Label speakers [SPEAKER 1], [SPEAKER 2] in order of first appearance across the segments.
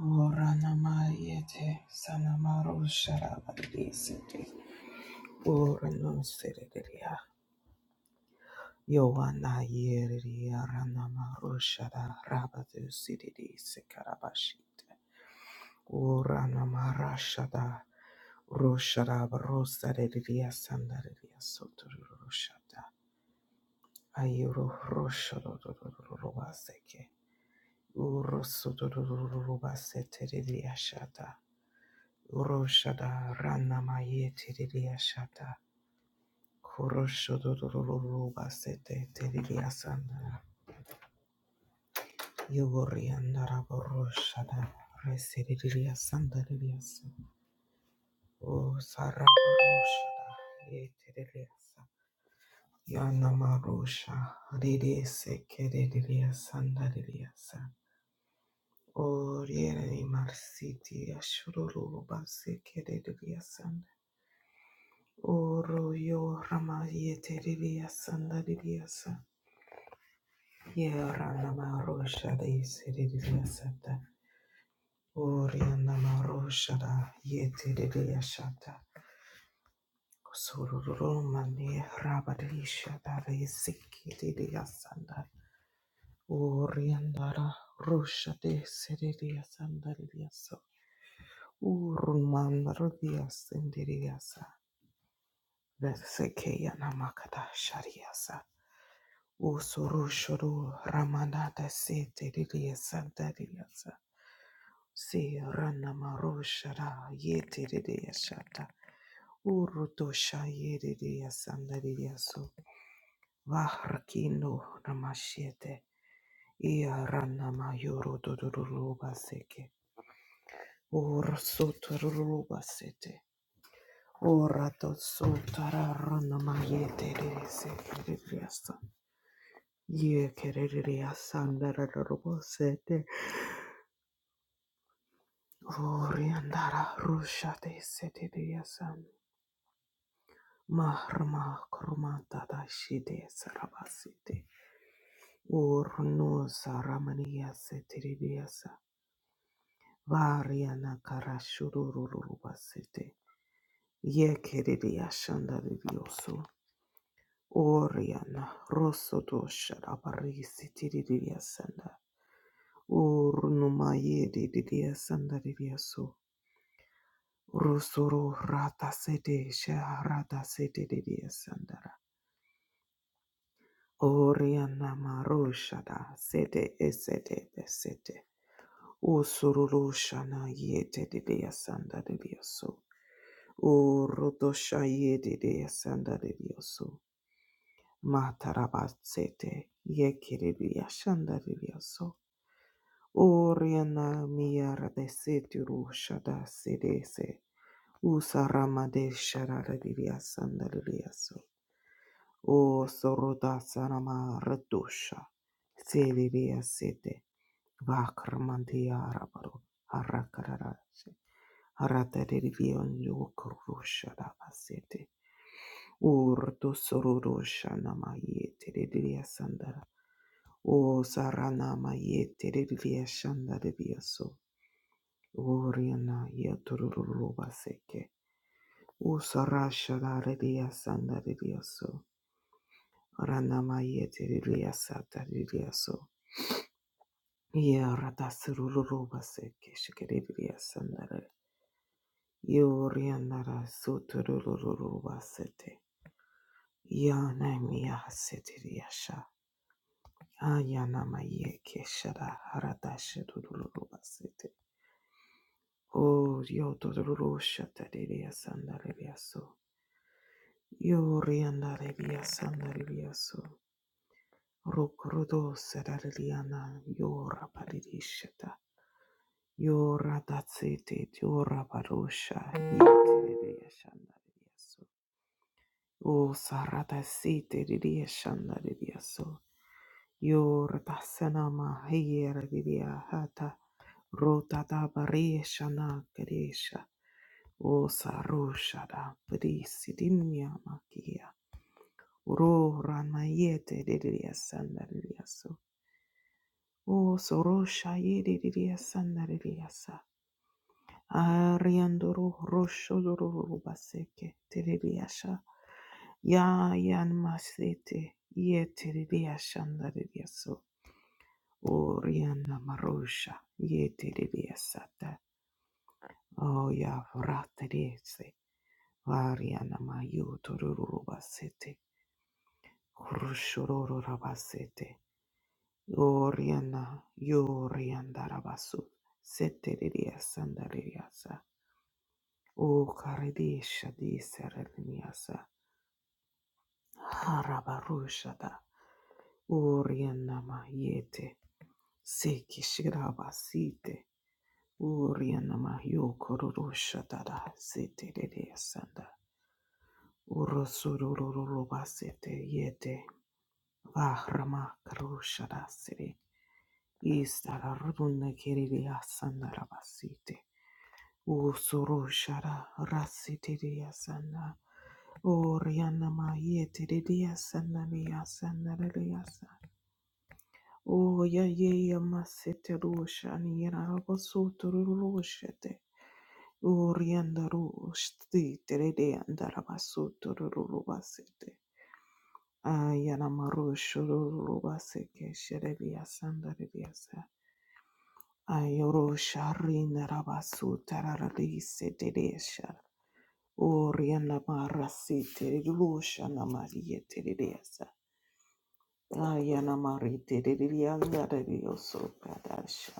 [SPEAKER 1] Oranamayete sanamaro sharabadesete. Oranosereria. Yoana yeria ranamaro shara rabadu sididi sekarabashite. Oranamara shada roshara rosareria sandareria soturu roshada Ayuro roshorororobaseke. Urosotororobasete shata. Uroshada ranamaye tiriria shada. Kuroshodoruruba sete tiriria sanda. Yugorianda raboroshada. Resiriria sanda ririasa. O sarabaroshada. Ye tiririasa. Yanamarosha. Rirese keririria sanda ririasa. O riere marsiti ashururuba se keririria Oro yo rama ye teriria sanda diriasa. Ye rana ma rosha de seriria sata. Ori anama rosha da ye teriria shata. Sururu mani rabadisha da re siki diriya sanda. Ori andara rosha de seriria sanda diriasa. Uruman rodiya sendiriasa. Verseke yanamakada shariasa. Usuru shuru ramanata sete didiya santa diyasa. Si ranamaru shara yete didiya shata. Uruto shaye didiya santa didiyasu. Vahrakino ramashete. Ia ranamayuru duduruba seke. Ursuturuba sete. Urato sutara ranamayete didiyase didiyasa. Ye kerediya santa sete. Oriandara rusha de setidiyasam. Mahrma krumata da shide sarabasite. Urnu saramaniya setiribiyasa. Variana Karashurubasite Yekiridia shanda Yekiridiyashanda diyosu. Oriana rosoto sharabarisi tiridiyasanda. Urnu mayedi didiyasanda diyosu. Rusuru rata sete sha rata sete de dia sandara. Oriana marushada sete esete besete. Usururu shana yete de dia sanda de dia so. Urudosha yete de dia sanda de dia so. Matarabat sete yekere dia shanda de dia so. Oriana miara de sete rushada sete se. Usarama de sharara de dia sanda de dia so. O Soroda Sanama Radusha, Selivia Sete, Vakramantia Rabaro, Harakarashi, Haratarivion Yukurusha Sete, Urto Sororusha Nama Yeteridia Sandara, O Saranama Yeteridia Shandarivia So, Oriana Yeturuba Seke, O Sarasha Rivia Sandarivia So, Ranama Yeteridia Sataridia So, Yeah, ratasurururu baseke shikiriria sandara. Yoriandara suturururu basete. Yanami yasetiria sha. Ayanama yeke shara haratashurururu basete. O yotururu shatariria sandariria so. Yoriandaria sandariria so. Rokurudo sarariana yorapariria shata. Yora datsiti tiora barusha yitiririya shandariyaso. O sarata siti ririya shandariyaso. Yora dasana mahiyera ririya hata. Rota da bariya shana karisha. O sarusha da brisi dinya makia. Ro rana yete ririya sandariyaso. O sorosha yiri ririya sandariyasa. Ariandoro roshororo baseke terebiasha ya yan masete ye terebiasha ndariaso oriana marosha ye terebiasata o ya vraterese variana mayotororo basete roshororo rabasete oriana yorianda rabasu seteriasa ndariasa o karedesha di sereniasa Harabarushada Urianama Yete Seki Shirabasite Urianama Yokurushada Sete de Sanda Urusururubasete Yete Vahrama Karushada Siri Istara Runa Kiriya Sanda Rabasite Usurushara Rasite de Sanda Orianama Yete de Sanda de Sanda de O ya ye ya masete rusha ni yera rabo soto rushete. O rianda rushti terede andara basoto rubasete. Ayana marusho rubaseke sherebia sandarebiasa. Ayoro sharina rabasu tararise teresha. O rianda marasite rusha na marie teredesa. Ayana marite teredianda rioso kadasha.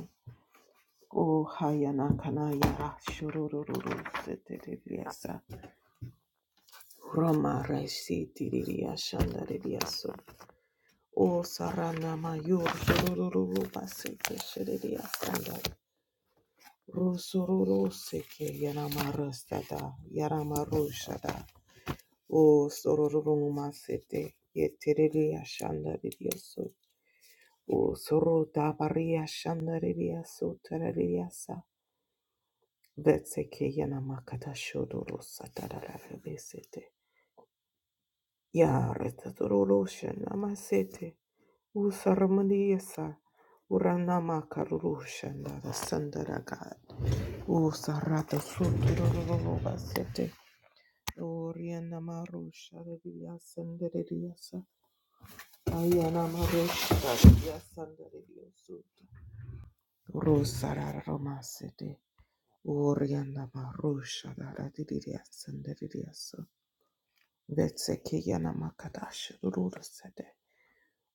[SPEAKER 1] O hayana kanaya shururururu seteriliasa. Roma resi tiriria shandariliaso. O sarana mayur shurururu basete shiriria sandar. Rusururu seke yanamarstada yaramarushada. O sorururu masete yeteriria shandariliaso. O soro dabaria shandariliaso teriliasa. Vetseke yana makata shodoro satarara besete. Yare tatororo shana masete. Usaramaniyasa. Urana makaruru shana sandara God. Usarata sotororo basete. Oriana marusha revia sandereriasa. Ayana marusha revia sandereriosuta. Rosarara romasete. Oriana marusha revia sandereriasa. Vetsekeyana makadash rura sede.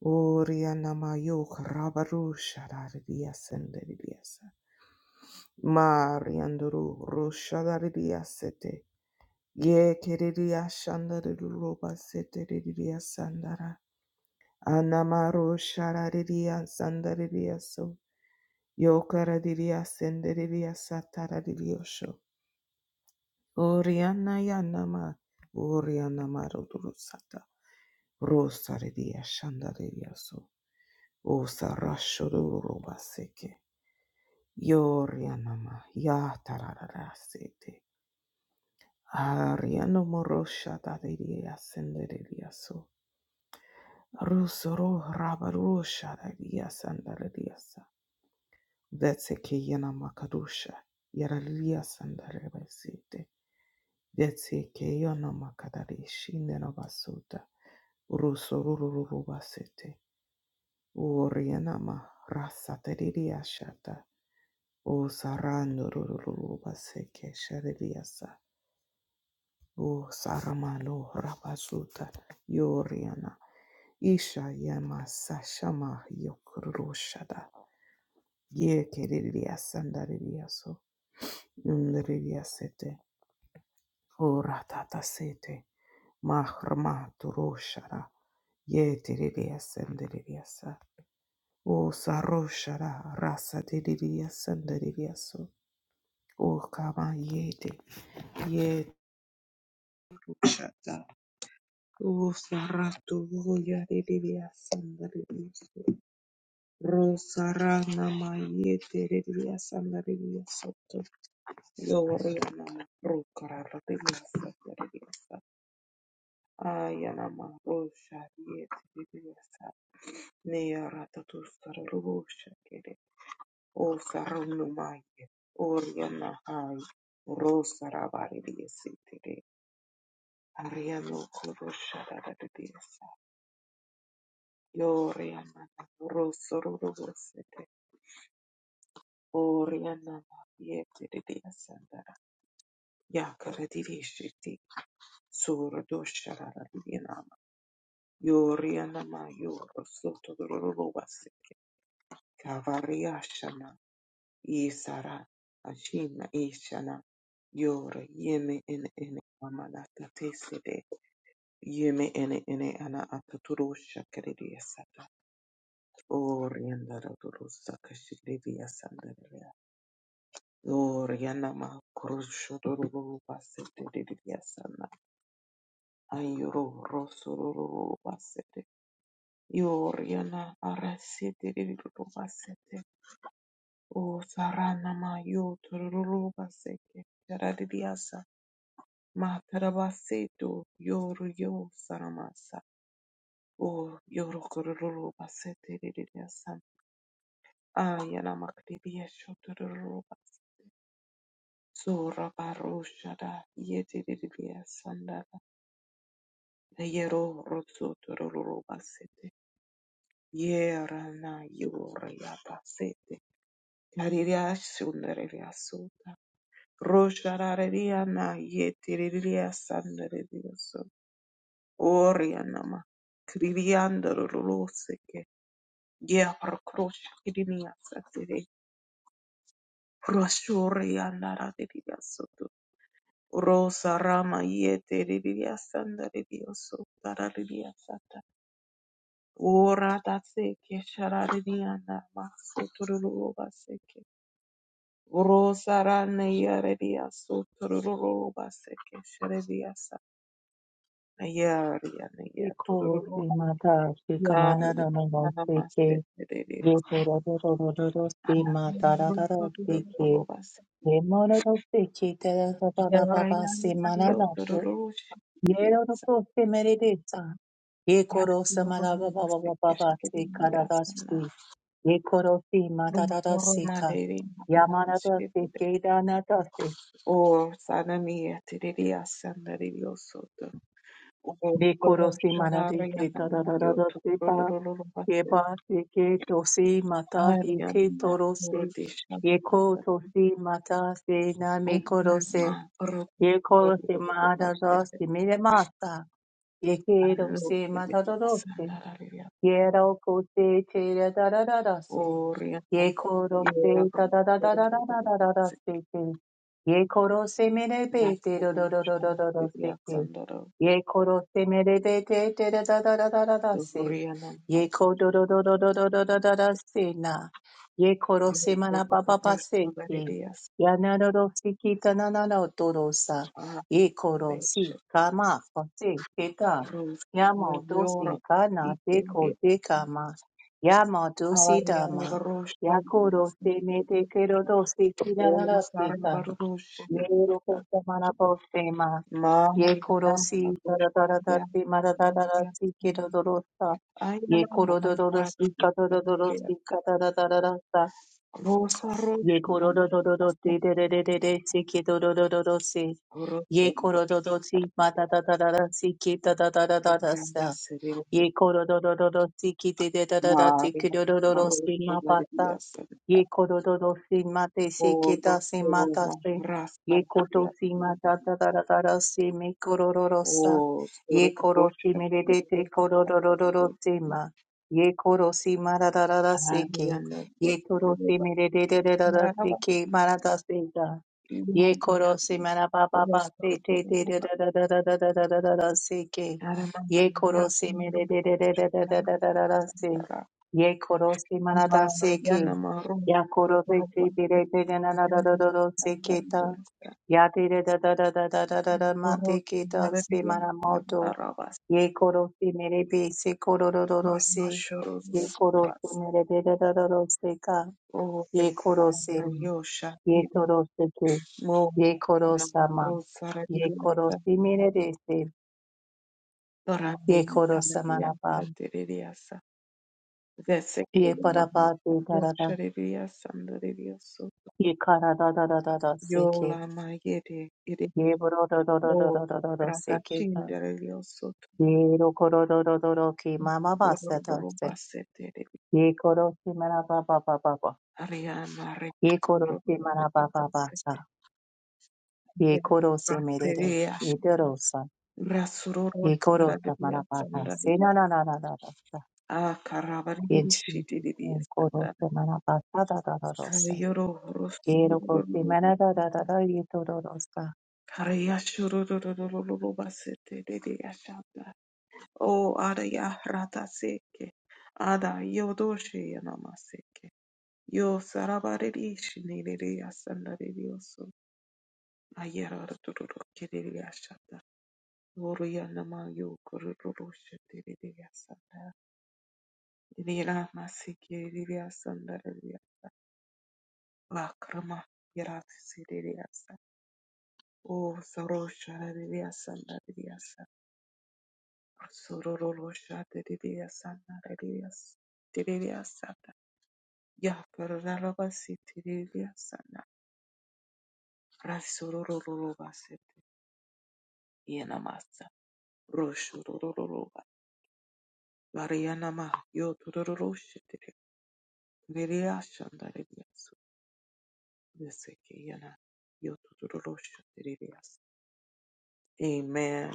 [SPEAKER 1] Oriana mayuk rabaru shararidia senderidia se. Marianduru rushararidia sete. Ye keridia shandariruba sete ridia sandara. Anamaru shararidia sandaridia so. Yokara Yokaradidia senderidia sataradidio Oriana yanama, Oriana marodurusata, Rosaredia shandarediaso, Osa rashorobaseke, Yorianama, Yatararasete, Ariano morosha dadedia senderediaso, Rusoro rabarusha dadia sandarediasa, Vetseke yana makarusha. Yaraliya sandare basite. Vetseke yana makadareshi nena basuta. Ruso rururu basite. Uoriana ma rasa teririya shata. O sarando rururu baseke shaririya sa. O saramalo rabasuta. Yoriana. Isha yama sashama yokurushada. Ye keririya sandariya Ndriya sete, uratata sete, mahrma turushara, yetiriya sendriya sa, o saroshara rasa diriya sendriya so, o kama yete, yetushata, o saratu voya diriya sendriya so, rosara nama yetiriya sendriya so, yoria nama, rukara diriya sendriya Ayana Marusha Yetirasa Nea Ratatusara Rubusha Kere O Sarunumaya Oriana Hai Rosa Ravari Sitire Ariano Kurusha Radisa Yoriana Rosa Rubusete Oriana Yetirisandara Yakara Dirishiti Sura Doshara Radinama Yoriana Mayor Soto Kavariashana, Isara, Ashina, Ishana, Yore, Yeme, Ene, Ene, Amana, Tatesede, Yeme, Ene, Ene, Ana, Ataturusha, Kerediasata, Orianda, Rodurusa, Kashilidiasanda, Oriana, Ma, Kurusho, Doruru, Basete, Didiasana, Ayuro, Rosoruru, Basete, Yoriana, Arasete, Didiru, O sarana ma yo tururu baseke taradiasa ma tarabaseto yoru yo saramasa o yoru kururu basete ridiasa ayana makribiya shotururu bas sura barushada yeti ridiasa ndala yero rotso tururu basete yera na yura ya basete kariria shundere riasuta Rosharariana yeteriria sandarioso. Orianama. Criando ruloseke. Gea procrosha kirinia satere. Roshoriana radiria soto. Rosa rama yeteriria sandarioso. Tarariria sata. Ora da seke sharariana masotururuba seke. Rosa rana yereria sotururuba seke. Ayar yana ya
[SPEAKER 2] Iko
[SPEAKER 1] tururu
[SPEAKER 2] se mata se
[SPEAKER 1] yar
[SPEAKER 2] kamana na na na
[SPEAKER 1] yana
[SPEAKER 2] se
[SPEAKER 1] namaste
[SPEAKER 2] ke ye
[SPEAKER 1] tererias.
[SPEAKER 2] to ro ro ro ro ro ro se mata ra
[SPEAKER 1] Ayaru
[SPEAKER 2] ra ra se
[SPEAKER 1] tururu
[SPEAKER 2] ke
[SPEAKER 1] robas.
[SPEAKER 2] ye mo ro ro se ke te ra ra ra ra
[SPEAKER 1] Yar
[SPEAKER 2] ra ra se
[SPEAKER 1] yana
[SPEAKER 2] mana
[SPEAKER 1] yo
[SPEAKER 2] na ko
[SPEAKER 1] tururu
[SPEAKER 2] ye ro ro
[SPEAKER 1] shirias.
[SPEAKER 2] to se mere de sa ye ko ro se
[SPEAKER 1] Ayaru
[SPEAKER 2] mara ba ba ba
[SPEAKER 1] namaste
[SPEAKER 2] ba ba ba se
[SPEAKER 1] keshikiri
[SPEAKER 2] ka ra ra
[SPEAKER 1] yasana.
[SPEAKER 2] se ye ko ro se mata ra ra
[SPEAKER 1] Rumoro
[SPEAKER 2] se ka
[SPEAKER 1] maleri
[SPEAKER 2] ya ma ra ra
[SPEAKER 1] namaste.
[SPEAKER 2] se ke da na
[SPEAKER 1] O sanami tererias sanariosoto. O tururu
[SPEAKER 2] Dekorosi
[SPEAKER 1] sharar
[SPEAKER 2] manadeke
[SPEAKER 1] yana
[SPEAKER 2] tadadadadasepa
[SPEAKER 1] tururu robas.
[SPEAKER 2] keba seke tosi mata
[SPEAKER 1] Ayar
[SPEAKER 2] hike
[SPEAKER 1] yana
[SPEAKER 2] torose yeko tosi mata se
[SPEAKER 1] Hallelujah.
[SPEAKER 2] name korose yeko se mata rasi mire mata yeke rose mata Quiero que te da da da da da se. Ye koro se da da da da da da da da da da se te. Ye koro se me re be te do do do do do do do se te. Ye koro se me re be te te da da da da da da da se. Ye ko do do do do do do do do do da se na. Ye koro se mana pa pa pa se te. Ya na do do si kita na na na o do sa. Ye koro si kama ma pa se te Yamo dosi kana te ko dekama. kama dosi dama. Yakoro se me de kero dosi kinanara seka. Yero kosa mana postema.
[SPEAKER 1] Maria
[SPEAKER 2] Yekoro
[SPEAKER 1] nama
[SPEAKER 2] si dara dara
[SPEAKER 1] kushnaria
[SPEAKER 2] dati mara dara
[SPEAKER 1] kushnaria
[SPEAKER 2] si kero dorosa.
[SPEAKER 1] ayana
[SPEAKER 2] Yekoro dororo
[SPEAKER 1] mahara
[SPEAKER 2] si kata dororo
[SPEAKER 1] kushnaria
[SPEAKER 2] si kata dara dara dasa.
[SPEAKER 1] rosa
[SPEAKER 2] Yekoro
[SPEAKER 1] roshnaria
[SPEAKER 2] dororo
[SPEAKER 1] asa
[SPEAKER 2] de de de si kero dororo si.
[SPEAKER 1] roto
[SPEAKER 2] Yekoro dororo
[SPEAKER 1] roshnaria
[SPEAKER 2] si mata dara dara si keta dara dara dasa.
[SPEAKER 1] kushnaria sereo
[SPEAKER 2] Ye kododododo siki de de da da da tiki
[SPEAKER 1] Maria
[SPEAKER 2] dododo sima pata.
[SPEAKER 1] roshnaria sereo
[SPEAKER 2] Ye kodododo sima te siki
[SPEAKER 1] oro
[SPEAKER 2] da sima ta
[SPEAKER 1] roma
[SPEAKER 2] se.
[SPEAKER 1] rasa
[SPEAKER 2] Ye koto
[SPEAKER 1] roshnaria
[SPEAKER 2] sima da da da da da da simi kororo sa.
[SPEAKER 1] o soro
[SPEAKER 2] Ye koro simi de de te
[SPEAKER 1] roshnaria
[SPEAKER 2] kododododo sima. Ye koro sima da da da da siki.
[SPEAKER 1] Ariana
[SPEAKER 2] Ye koro
[SPEAKER 1] roshnaria
[SPEAKER 2] simi de de de de da da da
[SPEAKER 1] Raraba,
[SPEAKER 2] siki marata se da. Ye koro si mana pa pa pa te te te da da da da da da da da da da da si ke.
[SPEAKER 1] I remember
[SPEAKER 2] Ye
[SPEAKER 1] the
[SPEAKER 2] koro
[SPEAKER 1] time
[SPEAKER 2] si
[SPEAKER 1] when
[SPEAKER 2] me de
[SPEAKER 1] we
[SPEAKER 2] de de de de de
[SPEAKER 1] were
[SPEAKER 2] de de de de de si.
[SPEAKER 1] together.
[SPEAKER 2] Ye koro si
[SPEAKER 1] We
[SPEAKER 2] mana da
[SPEAKER 1] were
[SPEAKER 2] si ke.
[SPEAKER 1] together, and we were
[SPEAKER 2] Ya
[SPEAKER 1] together.
[SPEAKER 2] koro si si pi re te de na na da
[SPEAKER 1] We
[SPEAKER 2] da da da si
[SPEAKER 1] were
[SPEAKER 2] ke ta.
[SPEAKER 1] together,
[SPEAKER 2] Ya te de da da da da da da da
[SPEAKER 1] and we
[SPEAKER 2] da ma te ke ta
[SPEAKER 1] were
[SPEAKER 2] si
[SPEAKER 1] together.
[SPEAKER 2] mana moto. Ye koro si me re pi si koro do do
[SPEAKER 1] We were together, and we were
[SPEAKER 2] do si.
[SPEAKER 1] together.
[SPEAKER 2] Ye koro si me re de da da da da si ka.
[SPEAKER 1] We were together,
[SPEAKER 2] Ye koro
[SPEAKER 1] and
[SPEAKER 2] si.
[SPEAKER 1] we were together.
[SPEAKER 2] Ye
[SPEAKER 1] We were together,
[SPEAKER 2] toro si ke. Ye koro
[SPEAKER 1] and we were together. We were together, and we were together. We were
[SPEAKER 2] sama. Ye koro simire desi. Ye koro samanapam. Ye parapati tarada.
[SPEAKER 1] together, and we were together.
[SPEAKER 2] Ye kara da da da da da seke.
[SPEAKER 1] Yola Mayede Idio
[SPEAKER 2] Ye boro do do do do
[SPEAKER 1] Lo
[SPEAKER 2] do do do do
[SPEAKER 1] Rata
[SPEAKER 2] seke. ta.
[SPEAKER 1] Chindere Soto
[SPEAKER 2] Ye ro koro do do do do ki mama basa da
[SPEAKER 1] Rolo
[SPEAKER 2] se.
[SPEAKER 1] Bassete
[SPEAKER 2] Ye koro simana ba ba ba ba ba.
[SPEAKER 1] Ariana
[SPEAKER 2] Ye
[SPEAKER 1] Rich
[SPEAKER 2] koro simana ba ba ba sa.
[SPEAKER 1] Baseke
[SPEAKER 2] Ye koro simire de.
[SPEAKER 1] Rateria
[SPEAKER 2] Ye doro sa.
[SPEAKER 1] Rasuro
[SPEAKER 2] Ye koro
[SPEAKER 1] Radia
[SPEAKER 2] samana ba ba.
[SPEAKER 1] Sanda
[SPEAKER 2] Se na na na na na na.
[SPEAKER 1] A
[SPEAKER 2] In Jesus'
[SPEAKER 1] Caravarishi Didi
[SPEAKER 2] name, Koro
[SPEAKER 1] Sanda
[SPEAKER 2] semana pasada da
[SPEAKER 1] Yoro
[SPEAKER 2] Quiero con
[SPEAKER 1] Rosuro
[SPEAKER 2] semana da da da
[SPEAKER 1] Basete
[SPEAKER 2] da y todo
[SPEAKER 1] Kariashuru Basete Didi O ara ya rata seke, ada yodoshe yanamaseke, yo sarabarirish niriri asandaririoso, ayera tururu kiriri ashata, oru yanama yo kururushe diriri asanda, nira maseke riri asandariria, lakrama yaratisi riri asa, o sarosha riri asandariria asa, sorororosha diriri asandaririas, diriri Ya karara basiti revia sana Yakararabasitiririasana. Rasorororobasete. Yenamasa. Roshorororoba. Varianama. Yotorororoshetiri. Viriashandaririasu. Veseke yana. Yotorororoshetirias. Amen.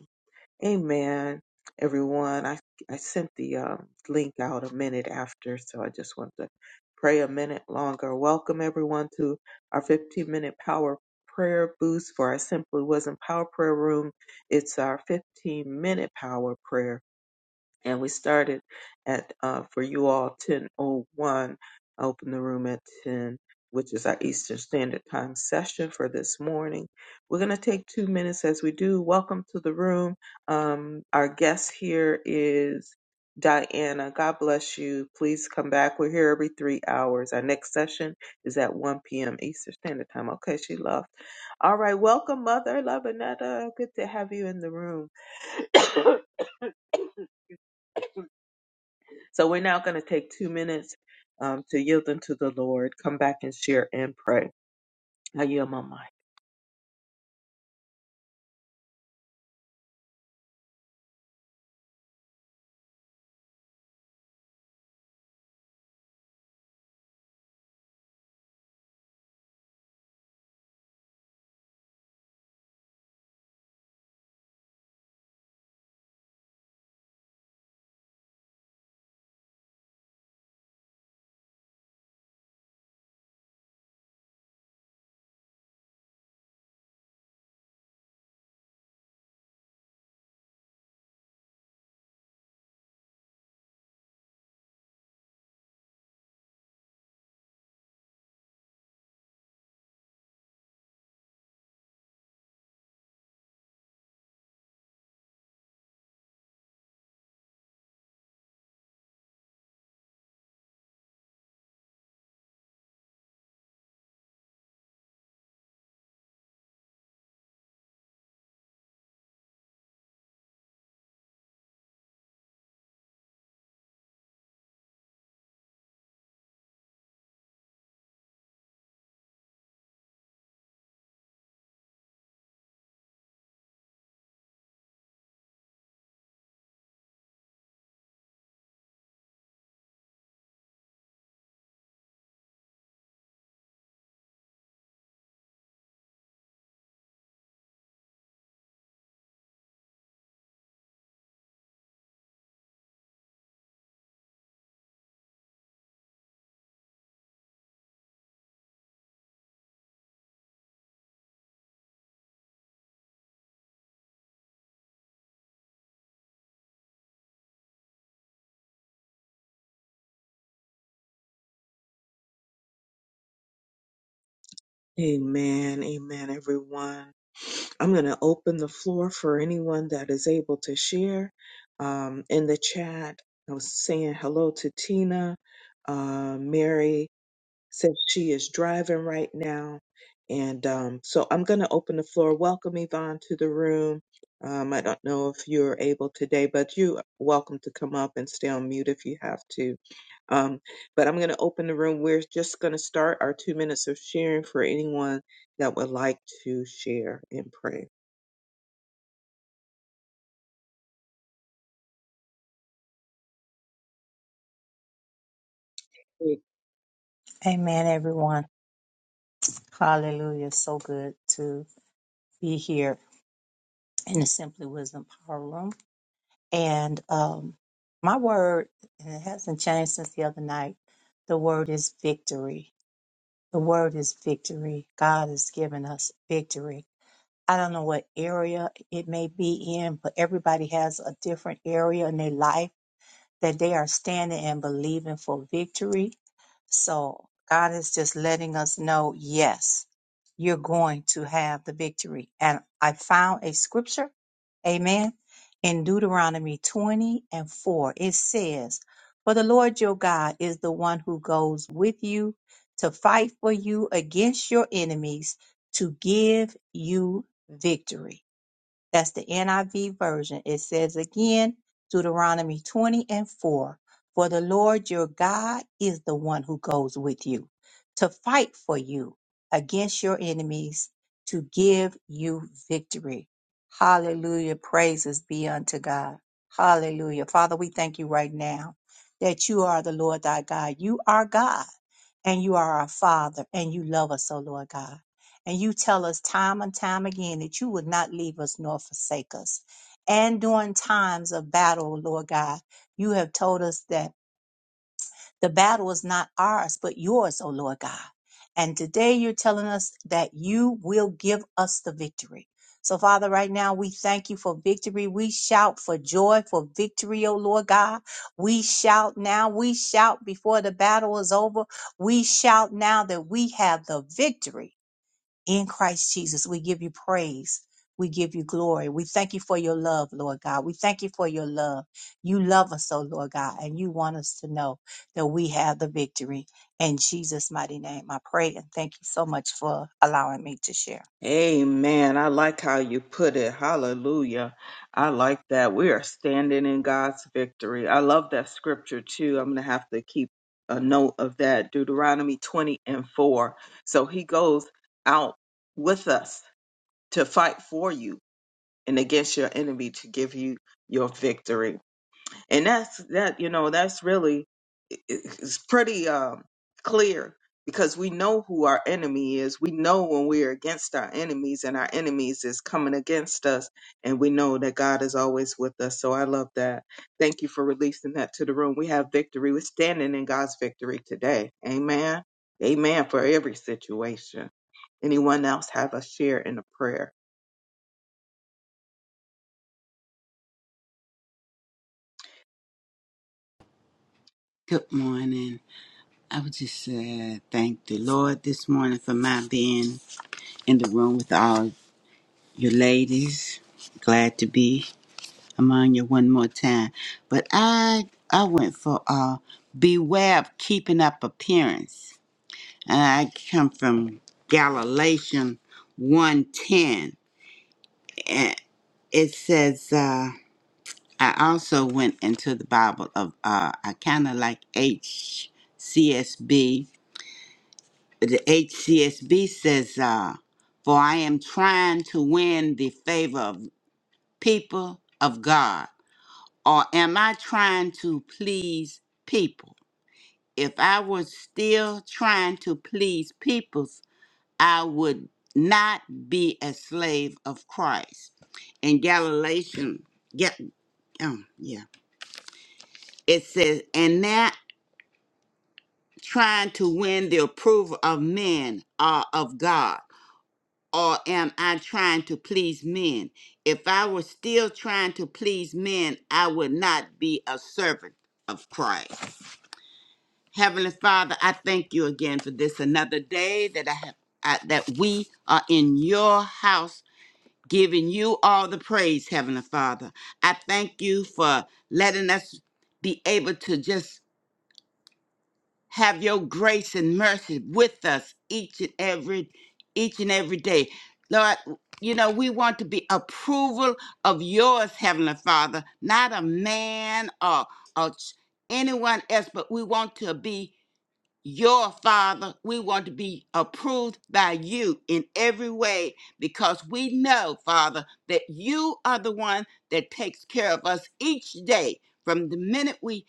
[SPEAKER 1] Amen, everyone. I, I sent the um, link out a minute after, so I just want to pray a minute longer. Welcome, everyone, to our 15 minute power prayer boost for our Simply Wasn't Power Prayer Room. It's our 15 minute power prayer and we started at uh, for you all 10:01. I opened the room at 10, which is our Eastern Standard Time session for this morning. We're going to take two minutes as we do. Welcome to the room. Um, our guest here is Diana. God bless you. Please come back. We're here every three hours. Our next session is at 1 p.m. Eastern Standard Time. Okay, she left. All right, welcome, Mother Labanetta. Good to have you in the room. So we're now going to take two minutes um, to yield unto the Lord, come back and share and pray. I yield my mic. Amen. Amen, everyone. I'm going to open the floor for anyone that is able to share. Um, in the chat, I was saying hello to Tina, uh, Mary. says she is driving right now. And um, so I'm going to open the floor. Welcome, Yvonne, to the room. Um, I don't know if you're able today, but you are welcome to come up and stay on mute if you have to. Um, but I'm going to open the room. We're just going to start our two minutes of sharing for anyone that would like to share and pray.
[SPEAKER 2] Amen, everyone. Hallelujah. So good to be here in the Simply Wisdom Power Room. And um, my word, and it hasn't changed since the other night, the word is victory. The word is victory. God has given us victory. I don't know what area it may be in, but everybody has a different area in their life that they are standing and believing for victory. So God is just letting us know, yes, you're going to have the victory. And I found a scripture, amen, in Deuteronomy 20 and 4. It says, For the Lord your God is the one who goes with you to fight for you against your enemies to give you victory. That's the NIV version. It says again, Deuteronomy 20 and 4 For the Lord your God is the one who goes with you to fight for you against your enemies to give you victory. Hallelujah. Praises be unto God. Hallelujah. Father, we thank you right now that you are the Lord thy God. You are God and you are our Father and you love us, oh Lord God. And you tell us time and time again that you would not leave us nor forsake us. And during times of battle, Lord God, you have told us that the battle is not ours, but yours, O Lord God. And today you're telling us that you will give us the victory. So, Father, right now we thank you for victory. We shout for joy, for victory, O Lord God. We shout now. We shout before the battle is over. We shout now that we have the victory in Christ Jesus. We give you praise. We give you glory. We thank you for your love, Lord God. We thank you for your love. You love us, oh Lord God, and you want us to know that we have the victory. In Jesus' mighty name, I pray and thank you so much for allowing me to share.
[SPEAKER 1] Amen. I like how you put it. Hallelujah. I like that. We are standing in God's victory. I love that scripture too. I'm going to have to keep a note of that. Deuteronomy 20 and 4. So he goes out with us to fight for you and against your enemy to give you your victory. And that's that, you know, that's really it's pretty um, clear because we know who our enemy is. We know when we're against our enemies and our enemies is coming against us, and we know that God is always with us. So I love that. Thank you for releasing that to the room. We have victory. We're standing in God's victory today. Amen. Amen for every situation. Anyone else have a share in a prayer?
[SPEAKER 3] Good morning. I would just uh, thank the Lord this morning for my being in the room with all you ladies. Glad to be among you one more time. But I I went for uh, beware of keeping up appearance. And I come from Galatians one ten, And it says, uh, I also went into the Bible of, uh, I kind of like HCSB the HCSB says, uh, For I am trying to win the favor of people of God. Or am I trying to please people? If I was still trying to please peoples, I would not be a slave of Christ. In Galatians, yeah, um, yeah, it says, and not trying to win the approval of men or of God. or am I trying to please men? If I were still trying to please men, I would not be a servant of Christ. Heavenly Father, I thank you again for this another day that I have I, that we are in your house giving you all the praise, Heavenly Father. I thank you for letting us be able to just have your grace and mercy with us each and every each and every day lord you know we want to be approval of yours heavenly father not a man or, or ch- anyone else but we want to be your father we want to be approved by you in every way because we know father that you are the one that takes care of us each day from the minute we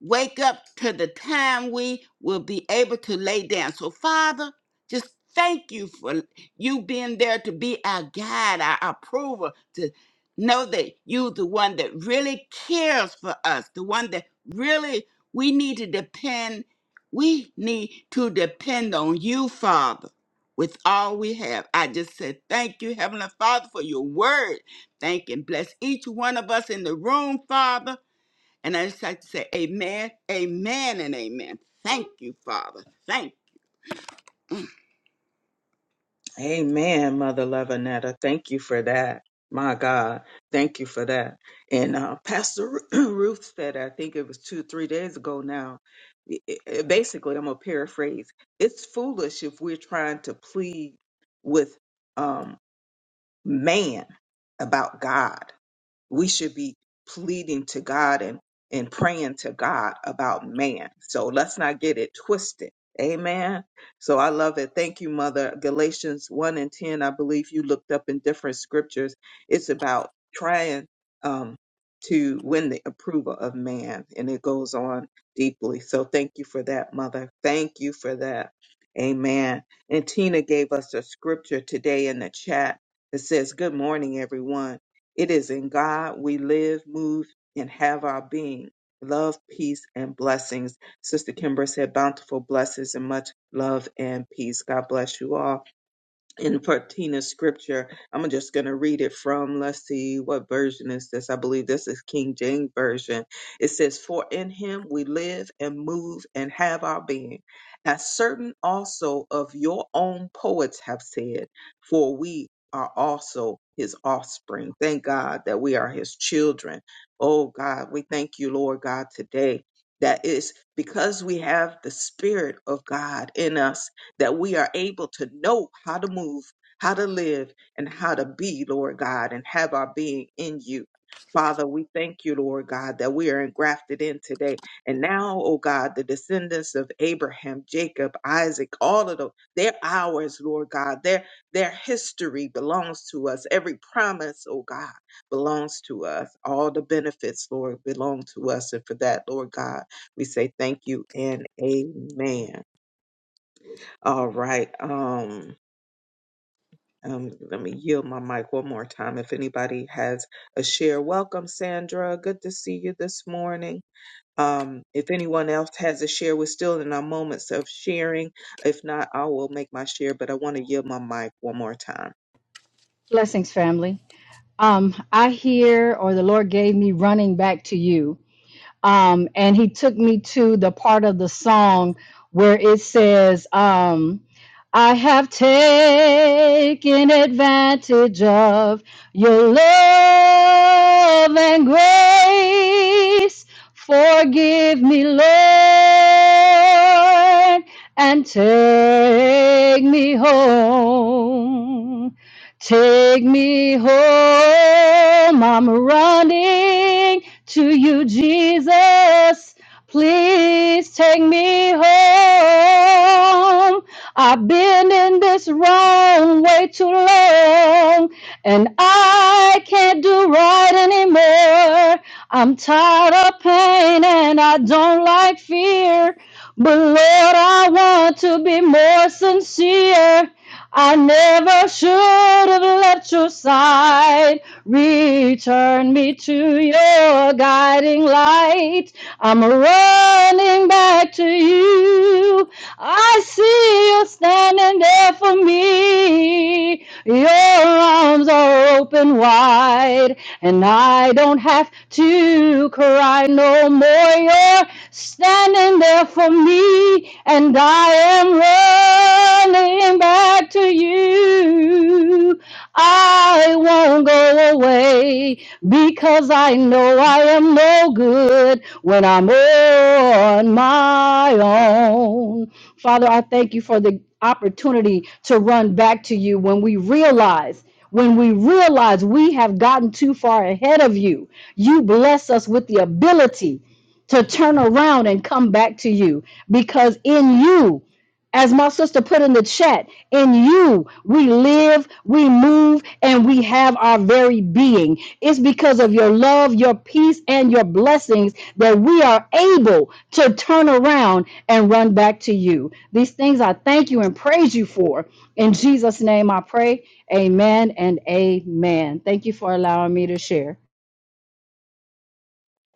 [SPEAKER 3] wake up to the time we will be able to lay down. So, Father, just thank you for you being there to be our guide, our approver, to know that you the one that really cares for us, the one that really we need to depend, we need to depend on you, Father. With all we have, I just said thank you, Heavenly Father, for your word. Thank and bless each one of us in the room, Father and I just like to say, Amen, Amen, and Amen. Thank you, Father. Thank
[SPEAKER 1] Amen, Mother Love Annetta. Thank you for that. My God, thank you for that. And uh, Pastor Ruth said, I think it was two, three days ago now. i- i- basically, I'm gonna paraphrase. It's foolish if we're trying to plead with um, man about God we should be pleading to God and, and praying to God about man. So let's not get it twisted. Amen. So I love it. Thank you, Mother. Galatians 1 and 10, I believe you looked up in different scriptures. It's about trying um, to win the approval of man, and it goes on deeply. So thank you for that, Mother. Thank you for that. Amen. And Tina gave us a scripture today in the chat that says, Good morning, everyone. It is in God we live, move, and have our being. Love, peace, and blessings. Sister Kimber said, bountiful blessings and much love and peace. God bless you all in Patina scripture. I'm just going to read it from, let's see, what version is this? I believe this is King James Version. It says, For in him we live and move and have our being. As certain also of your own poets have said, for we are also his offspring. Thank God that we are his children. Oh God, we thank you, Lord God, today. That is because we have the Spirit of God in us that we are able to know how to move, how to live, and how to be, Lord God, and have our being in you. Father, we thank you, Lord God, that we are engrafted in today. And now, oh God, the descendants of Abraham, Jacob, Isaac, all of them, they're ours, Lord God. Their their history belongs to us. Every promise, oh God, belongs to us. All the benefits, Lord, belong to us. And for that, Lord God, we say thank you and amen. All right. Um, um, let me yield my mic one more time. If anybody has a share, welcome, Sandra. Good to see you this morning. Um, if anyone else has a share, we're still in our moments of sharing. If not, I will make my share, but I want to yield my mic one more time.
[SPEAKER 4] Blessings, family. Um, I hear, or the Lord gave me running back to you. Um, and he took me to the part of the song where it says, um, I have taken advantage of your love and grace. Forgive me, Lord, and take me home. Take me home. I'm running to you, Jesus. Please take me home. I've been in this wrong way too long, and I can't do right anymore. I'm tired of pain and I don't like fear. But Lord, I want to be more sincere. I never should have left your side. Return me to your guiding light. I'm running back to you. I see you standing there for me. Your arms are open wide, and I don't have have to cry no more. You're standing there for me, and I am running back to you. I won't go away because I know I am no good when I'm on my own. Father, I thank you for the opportunity to run back to you when we realize when we realize we have gotten too far ahead of you. You bless us with the ability to turn around and come back to you because in you, as my sister put in the chat, in you we live, we move, and we have our very being. It's because of your love, your peace, and your blessings that we are able to turn around and run back to you. These things I thank you and praise you for. In Jesus' name I pray. Amen and amen. Thank you for allowing me to share.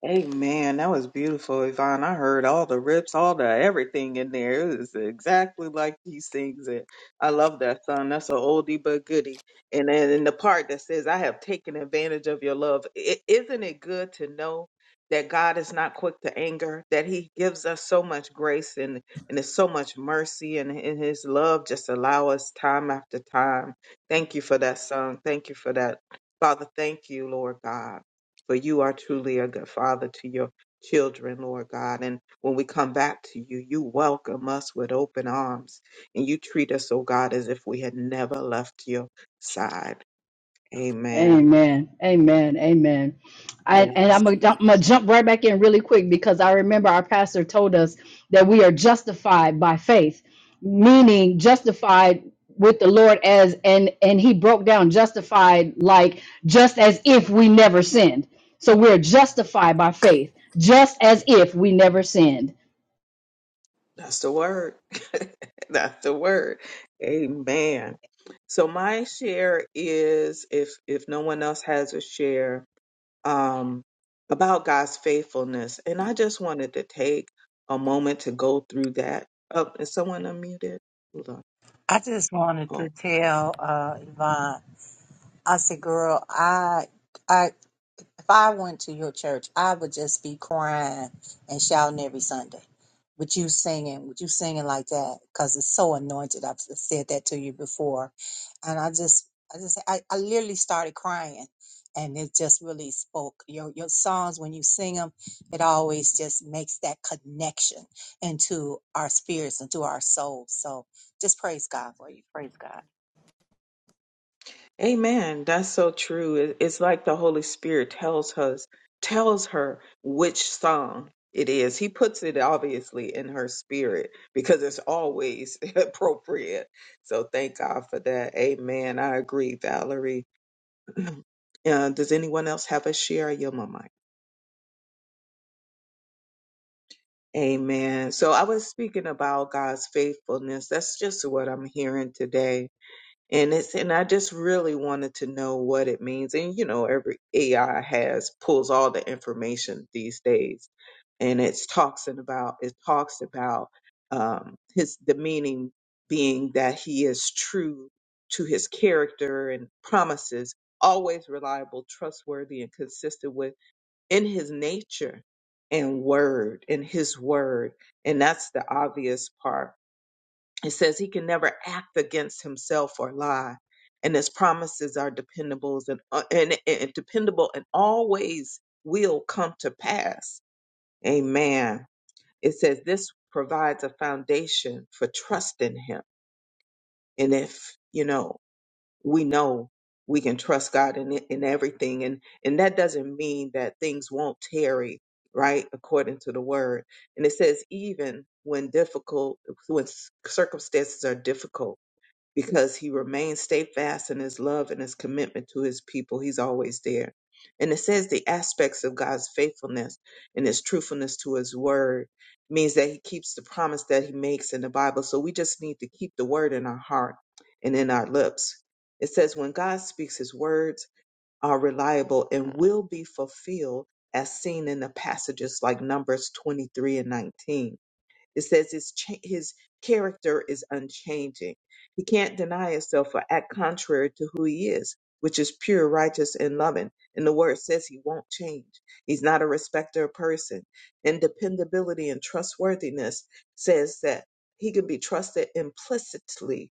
[SPEAKER 1] Amen. That was beautiful, Yvonne. I heard all the rips, all the everything in there. It was exactly like he sings it. I love that song. That's an oldie but goodie. And then in the part that says, I have taken advantage of your love. is isn't it good to know that God is not quick to anger, that he gives us so much grace and, and there's so much mercy and in his love just allow us time after time. Thank you for that song. Thank you for that. Father, thank you, Lord God. For you are truly a good father to your children, Lord God. And when we come back to you, you welcome us with open arms and you treat us, oh God, as if we had never left your side. Amen.
[SPEAKER 4] Amen. Amen. Amen.
[SPEAKER 3] you.
[SPEAKER 4] I, and
[SPEAKER 1] Yes,
[SPEAKER 4] I'm gonna, jump, I'm gonna jump right back in really quick because I remember our pastor told us that we are justified by faith, meaning justified with the Lord as and and he broke down justified like just as if we never sinned. So we're justified by faith, just as if we never sinned.
[SPEAKER 1] that's the word. that's the word. Amen. So my share is if if no one else has a share, um, about God's faithfulness. And I just wanted to take a moment to go through that. Oh, is someone unmuted? Hold on.
[SPEAKER 2] I just wanted to
[SPEAKER 1] Oh,
[SPEAKER 2] tell uh, Yvonne, I said, girl, I, I If I went to your church, I would just be crying and shouting every Sunday. With you singing, with you singing like that, because it's so anointed. I've said that to you before, and I just, I just, I, I literally started crying, and it just really spoke. Your your songs when you sing them, it always just makes that connection into our spirits, into our souls. So just praise God for you. Praise God.
[SPEAKER 1] okay. Amen. That's so true. It- It's like the Holy Spirit tells us, tells her which song it is. He puts it obviously in her spirit because it's always appropriate. So thank God for that. Amen. I agree, Valerie. uh, does anyone else have a share? Your mama. Amen. So I was speaking about God's faithfulness. That's just what I'm hearing today. And it's and I just really wanted to know what it means. And you know, every AI has pulls all the information these days. And it's talks and about it talks about um his the meaning being that he is true to his character and promises, always reliable, trustworthy, and consistent with in his nature and word in his word and that's the obvious part it says he can never act against himself or lie and his promises are dependable and, uh, and, and dependable and always will come to pass amen it says this provides a foundation for trust in him and if you know we know we can trust God in it- in everything and and that doesn't mean that things won't tarry right according to the word and it says even when difficult when circumstances are difficult because he remains steadfast in his love and his commitment to his people. He's always there. And it says the aspects of God's faithfulness and his truthfulness to his word means that he keeps the promise that he makes in the Bible. So we just need to keep the word in our heart and in our lips. It says, when God speaks, his words are reliable and will be fulfilled as seen in the passages like Numbers 23 and 19 it says his cha- his character is unchanging. He can't deny himself or act contrary to who he is, which is pure, righteous, and loving. And the word says he won't change. He's not a respecter of person. And dependability and trustworthiness says that he can be trusted implicitly.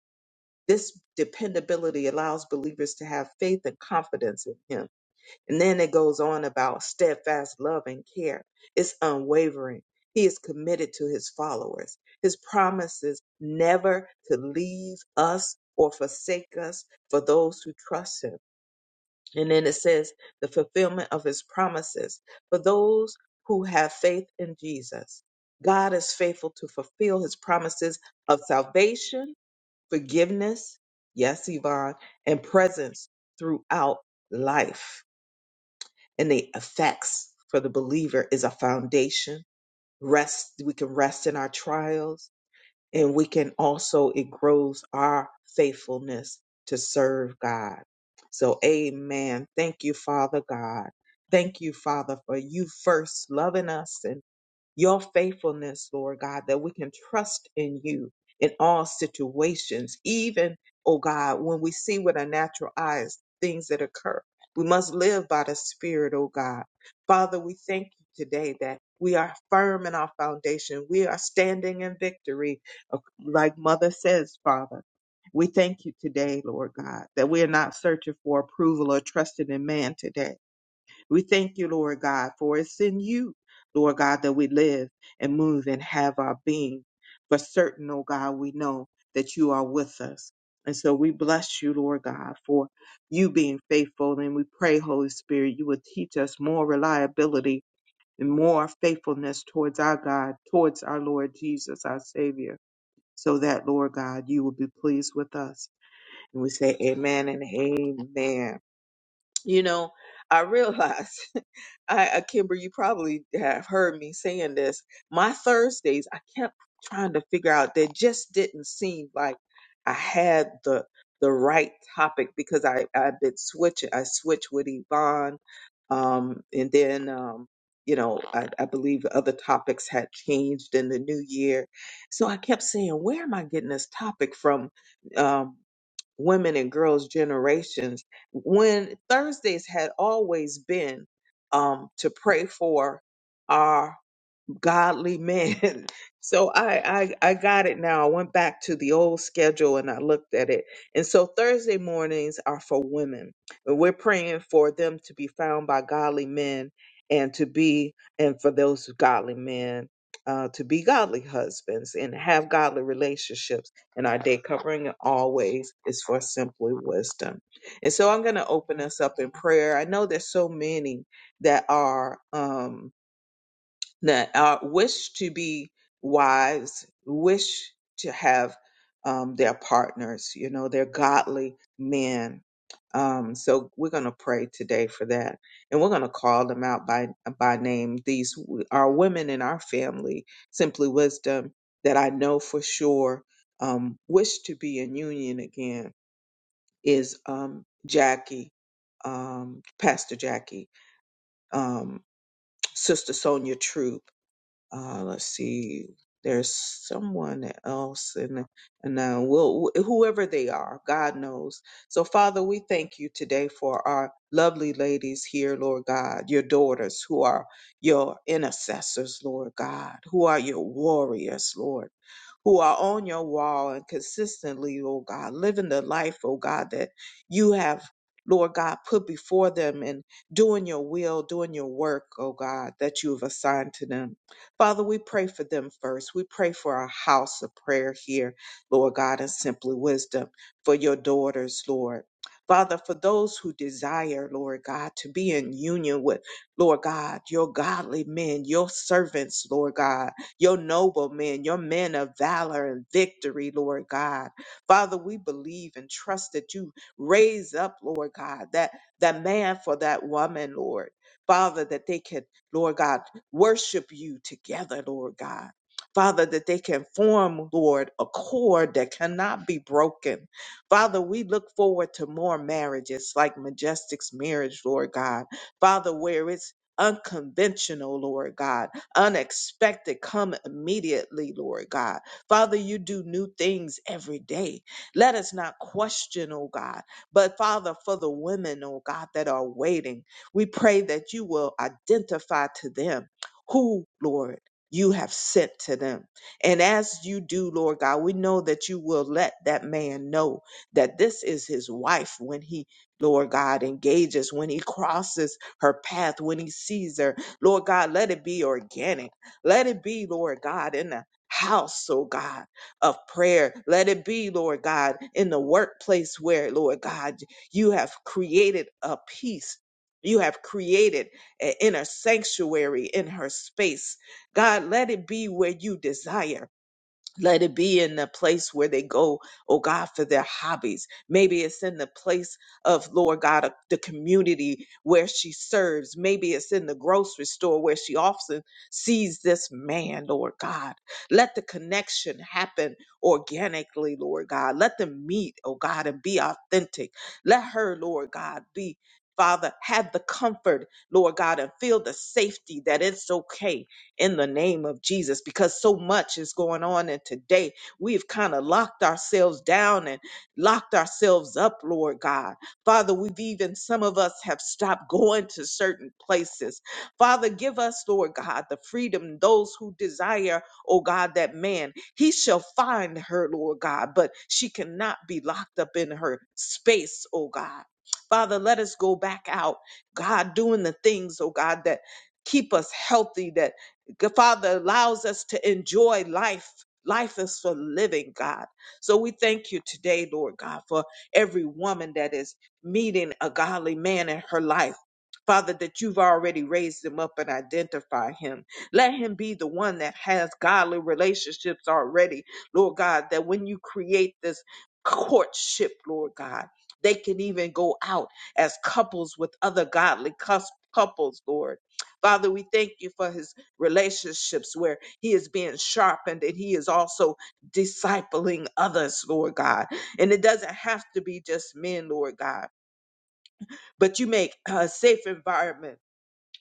[SPEAKER 1] This dependability allows believers to have faith and confidence in him and then it goes on about steadfast love and care. It's unwavering. He is committed to his followers. His promises never to leave us or forsake us for those who trust him. And then it says the fulfillment of his promises for those who have faith in Jesus. God is faithful to fulfill his promises of salvation, forgiveness, yes, Yvonne, and presence throughout life and the effects for the believer is a foundation. Rest, we can rest in our trials, and we can also, it grows our faithfulness to serve God. So, amen. Thank you, Father God. Thank you, Father, for you first loving us and your faithfulness, Lord God, that we can trust in you in all situations, even, oh God, when we see with our natural eyes things that occur. We must live by the Spirit, oh God. Father, we thank you today that we are firm in our foundation. We are standing in victory, uh, like Mother says, Father. We thank you today, Lord God, that we are not searching for approval or trusting in man today we thank you, Lord God, for it's in you, Lord God, that we live and move and have our being. For certain, oh God, we know that you are with us. And so we bless you, Lord God, for you being faithful. And we pray, Holy Spirit, you would teach us more reliability and more faithfulness towards our God, towards our Lord Jesus, our Savior, so that, Lord God, you will be pleased with us. And we say, Amen and Amen. You know, I realize I, uh, Kimber, you probably have heard me saying this. My Thursdays, I kept trying to figure out. That just didn't seem like I had the the right topic because I I've been switching. I switched with Yvonne, um, and then um, you know, I, I believe the other topics had changed in the new year. So I kept saying, where am I getting this topic from? Um, women and girls generations when Thursdays had always been um, to pray for our godly men. So I, I I got it now. I went back to the old schedule and I looked at it. And so Thursday mornings are for women. And we're praying for them to be found by godly men and to be and for those godly men uh, to be godly husbands and have godly relationships. And our day covering always is for simply wisdom. And so I'm going to open us up in prayer. I know there's so many that are. Um, that uh, wish to be wives, wish to have um, their partners, you know, they're godly men. Um, so we're going to pray today for that, and we're going to call them out by by name. These w- are women in our family, simply wisdom that I know for sure um, wish to be in union again is um, Jackie, um, Pastor Jackie, um, Sister Sonia Troop uh, let's see, there's someone else, and and uh, we'll, whoever they are, God knows. So, Father, we thank you today for our lovely ladies here, Lord God, your daughters who are your intercessors, Lord God, who are your warriors, Lord. Who are on your wall and consistently, oh God, living the life, oh God, that you have, Lord God, put before them and doing your will, doing your work, oh God, that you have assigned to them. Father, we pray for them first. We pray for our house of prayer here, Lord God, and simply wisdom for your daughters, Lord. Father, for those who desire, Lord God, to be in union with, Lord God, your godly men, your servants, Lord God, your noble men, your men of valor and victory, Lord God. Father, we believe and trust that you raise up, Lord God, that, that man for that woman, Lord. Father, that they can, Lord God, worship you together, Lord God. Father, that they can form, Lord, a cord that cannot be broken. Father, we look forward to more marriages like Majestic's marriage, Lord God. Father, where it's unconventional, Lord God, unexpected, come immediately, Lord God. Father, you do new things every day. Let us not question, oh God, but Father, for the women, oh God, that are waiting, we pray that you will identify to them who, Lord, you have sent to them. And as you do, Lord God, we know that you will let that man know that this is his wife when he, Lord God, engages, when he crosses her path, when he sees her. Lord God, let it be organic. Let it be, Lord God, in the house, oh God, of prayer. Let it be, Lord God, in the workplace where, Lord God, you have created a peace. You have created eh, in her sanctuary, in her space. God, let it be where you desire. Let it be in the place where they go, oh God, for their hobbies. Maybe it's in the place of, Lord God, of the community where she serves. Maybe it's in the grocery store where she often sees this man, Lord God. Let the connection happen organically, Lord God. Let them meet, oh God, and be authentic. Let her, Lord God, be. Father, have the comfort, Lord God, and feel the safety that it's okay in the name of Jesus because so much is going on. And today we've kind of locked ourselves down and locked ourselves up, Lord God. Father, we've even, some of us have stopped going to certain places. Father, give us, Lord God, the freedom, those who desire, oh God, that man, he shall find her, Lord God, but she cannot be locked up in her space, oh God. Father, let us go back out, God, doing the things, oh God, that keep us healthy, that Good Father allows us to enjoy life. Life is for living, God. So we thank you today, Lord God, for every woman that is meeting a godly man in her life. Father, that you've already raised him up and identify him. Let him be the one that has godly relationships already, Lord God, that when you create this courtship, Lord God, they can even go out as couples with other godly cous- couples, Lord. Father, we thank you for his relationships where he is being sharpened and he is also discipling others, Lord God. And it doesn't have to be just men, Lord God, but you make a safe environment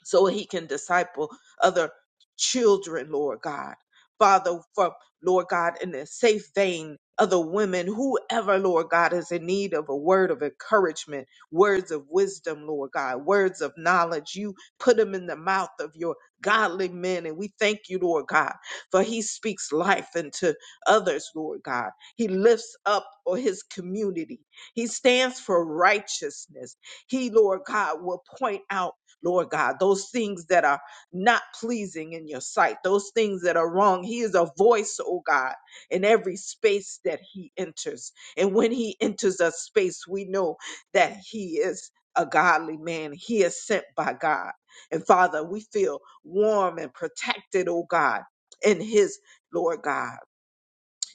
[SPEAKER 1] so he can disciple other children, Lord God. Father, for Lord God, in a safe vein, other women, whoever, Lord God, is in need of a word of encouragement, words of wisdom, Lord God, words of knowledge, you put them in the mouth of your godly men. And we thank you, Lord God, for he speaks life into others, Lord God. He lifts up or his community. He stands for righteousness. He, Lord God, will point out Lord God, those things that are not pleasing in your sight, those things that are wrong. He is a voice, oh God, in every space that he enters. And when he enters a space, we know that he is a godly man. He is sent by God. And Father, we feel warm and protected, oh God, in his Lord God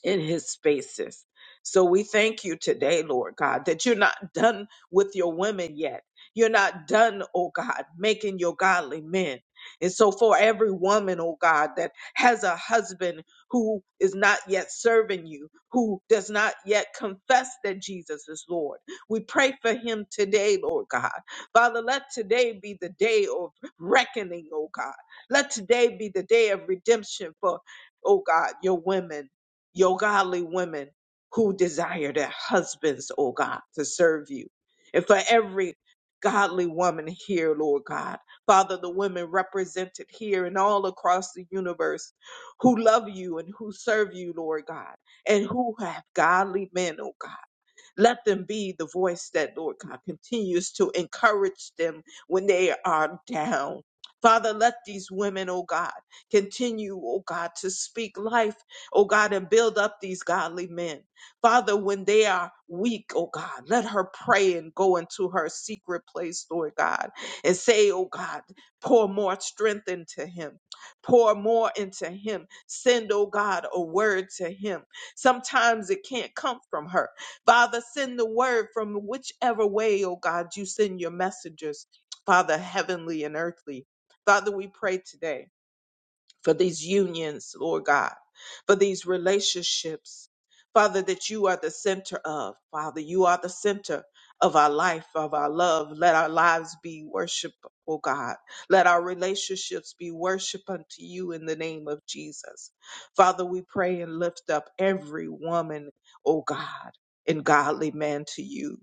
[SPEAKER 1] in his spaces. So we thank you today, Lord God, that you're not done with your women yet. You're not done, oh God, making your godly men. And so for every woman, oh God, that has a husband who is not yet serving you, who does not yet confess that Jesus is Lord, we pray for him today, Lord God. Father, let today be the day of reckoning, oh God. Let today be the day of redemption for, oh God, your women your godly women who desire their husbands, oh God, to serve you. And for every godly woman here, Lord God, Father, the women represented here and all across the universe who love you and who serve you, Lord God, and who have godly men, oh God. Let them be the voice that, Lord God, continues to encourage them when they are down. Father, let these women, oh God, continue, oh God, to speak life, oh God, and build up these godly men. Father, when they are weak, oh God, let her pray and go into her secret place, Lord God, and say, oh God, pour more strength into him, pour more into him. Send, oh God, a word to him. Sometimes it can't come from her. Father, send the word from whichever way, oh God, you send your messengers, Father, heavenly and earthly. Father, we pray today for these unions, Lord God, for these relationships, Father, that you are the center of. Father, you are the center of our life, of our love. Let our lives be worship, oh God. Let our relationships be worship unto you in the name of Jesus. Father, we pray and lift up every woman, oh God, and godly man to you.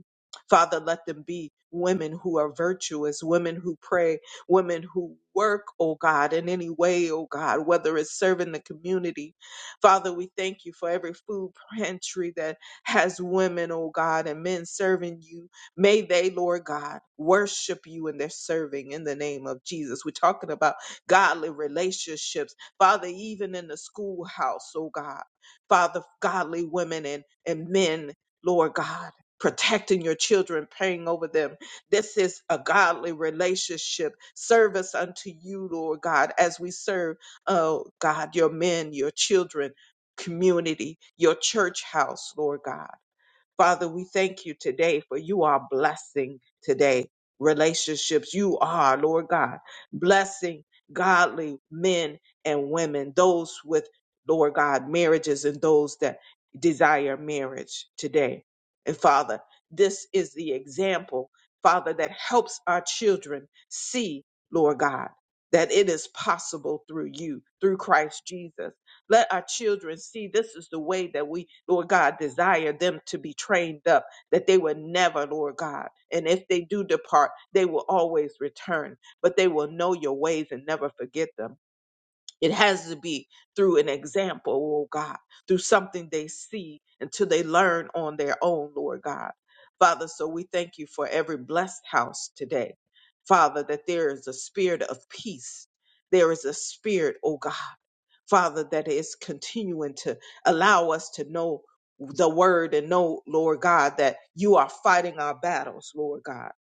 [SPEAKER 1] Father, let them be women who are virtuous, women who pray women who work, oh God, in any way, oh God, whether it's serving the community. Father, we thank you for every food pantry that has women, oh God, and men serving you. May they, Lord God, worship you in their serving in the name of Jesus. We're talking about godly relationships. Father, even in the schoolhouse, oh God, Father, godly women and, and men, Lord God, protecting your children, praying over them this is a godly relationship, service unto you, Lord God, as we serve, oh God, your men, your children, community, your church house, Lord God. Father, we thank you today for you are blessing today relationships. You are, Lord God, blessing godly men and women, those with, Lord God, marriages and those that desire marriage today. And Father, this is the example, Father, that helps our children see, Lord God, that it is possible through you, through Christ Jesus. Let our children see this is the way that we, Lord God, desire them to be trained up, that they will never, Lord God. And if they do depart, they will always return, but they will know your ways and never forget them. It has to be through an example, oh God, through something they see until they learn on their own, Lord God. Father, so we thank you for every blessed house today. Father, that there is a spirit of peace. There is a spirit, oh God Father, that is continuing to allow us to know the word and know, Lord God, that you are fighting our battles, Lord God.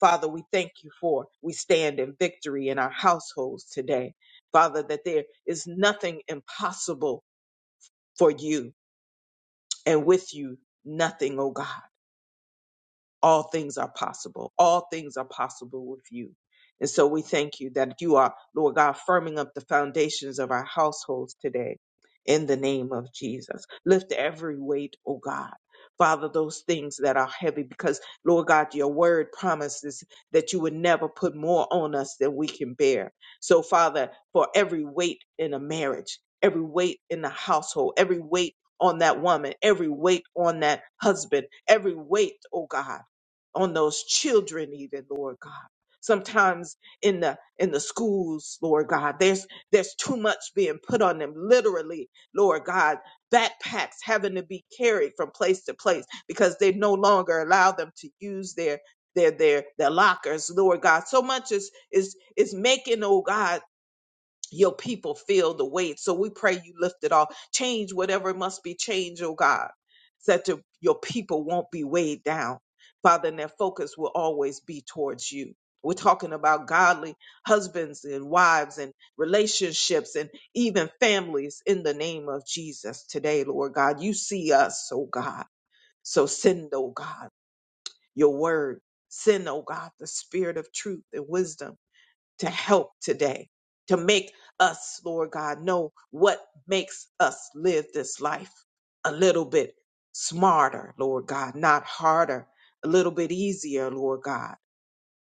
[SPEAKER 1] Father, we thank you for we stand in victory in our households today. Father, that there is nothing impossible for you and with you, nothing, oh God all things are possible. All things are possible with you. And so we thank you that you are, Lord God, firming up the foundations of our households today in the name of Jesus. Lift every weight, oh God. Father, those things that are heavy, because Lord God, your word promises that you would never put more on us than we can bear. So, Father, for every weight in a marriage, every weight in the household, every weight on that woman, every weight on that husband, every weight, oh God on those children even lord god sometimes in the in the schools lord god there's there's too much being put on them literally lord god backpacks having to be carried from place to place because they no longer allow them to use their their their their lockers lord god so much is is is making oh god your people feel the weight. So we pray you lift it off. Change whatever must be changed, oh God, so that your your people won't be weighed down. Father, and their focus will always be towards you. We're talking about godly husbands and wives and relationships and even families in the name of Jesus today, Lord God. You see us, oh God. So send, oh God, your word. Send, oh God, the spirit of truth and wisdom to help today, to make us, Lord God, know what makes us live this life a little bit smarter, Lord God, not harder, a little bit easier, Lord God,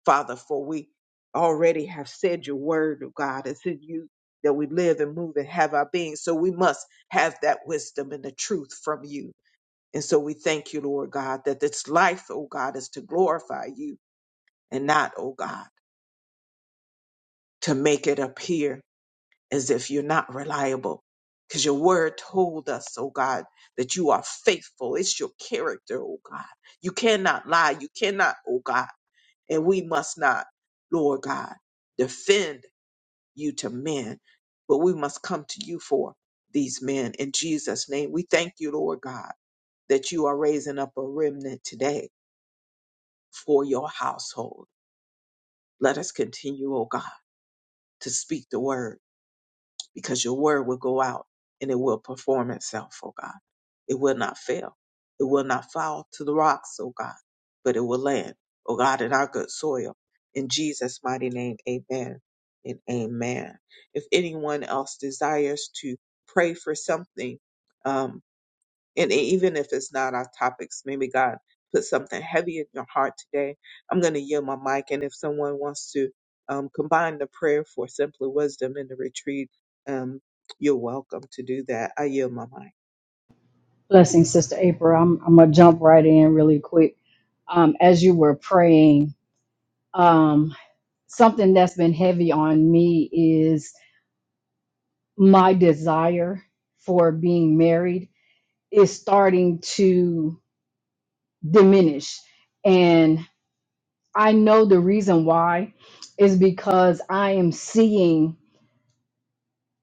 [SPEAKER 1] Father, for we already have said your word, oh God, it's in you that we live and move and have our being. So we must have that wisdom and the truth from you. And so we thank you, Lord God, that this life, oh God, is to glorify you and not, oh God, to make it appear as if you're not reliable. Because your word told us, oh God, that you are faithful. It's your character, oh God. You cannot lie. You cannot, oh God. And we must not, Lord God, defend you to men, but we must come to you for these men. In Jesus' name, we thank you, Lord God, that you are raising up a remnant today for your household. Let us continue, oh God, to speak the word because your word will go out and it will perform itself, oh God. It will not fail. It will not fall to the rocks, oh God, but it will land, oh God, in our good soil. In Jesus' mighty name, amen and amen. If anyone else desires to pray for something, um, and e, even if it's not our topics, maybe God put something heavy in your heart today. I'm going to yield my mic. And if someone wants to um, combine the prayer for simply wisdom in the retreat, um, you're welcome to do that. I yield my mic.
[SPEAKER 4] Blessing, Sister April. I'm I'm gonna jump right in really quick. Um, as you were praying, Um, something that's been heavy on me is my desire for being married is starting to diminish. And I know the reason why is because I am seeing,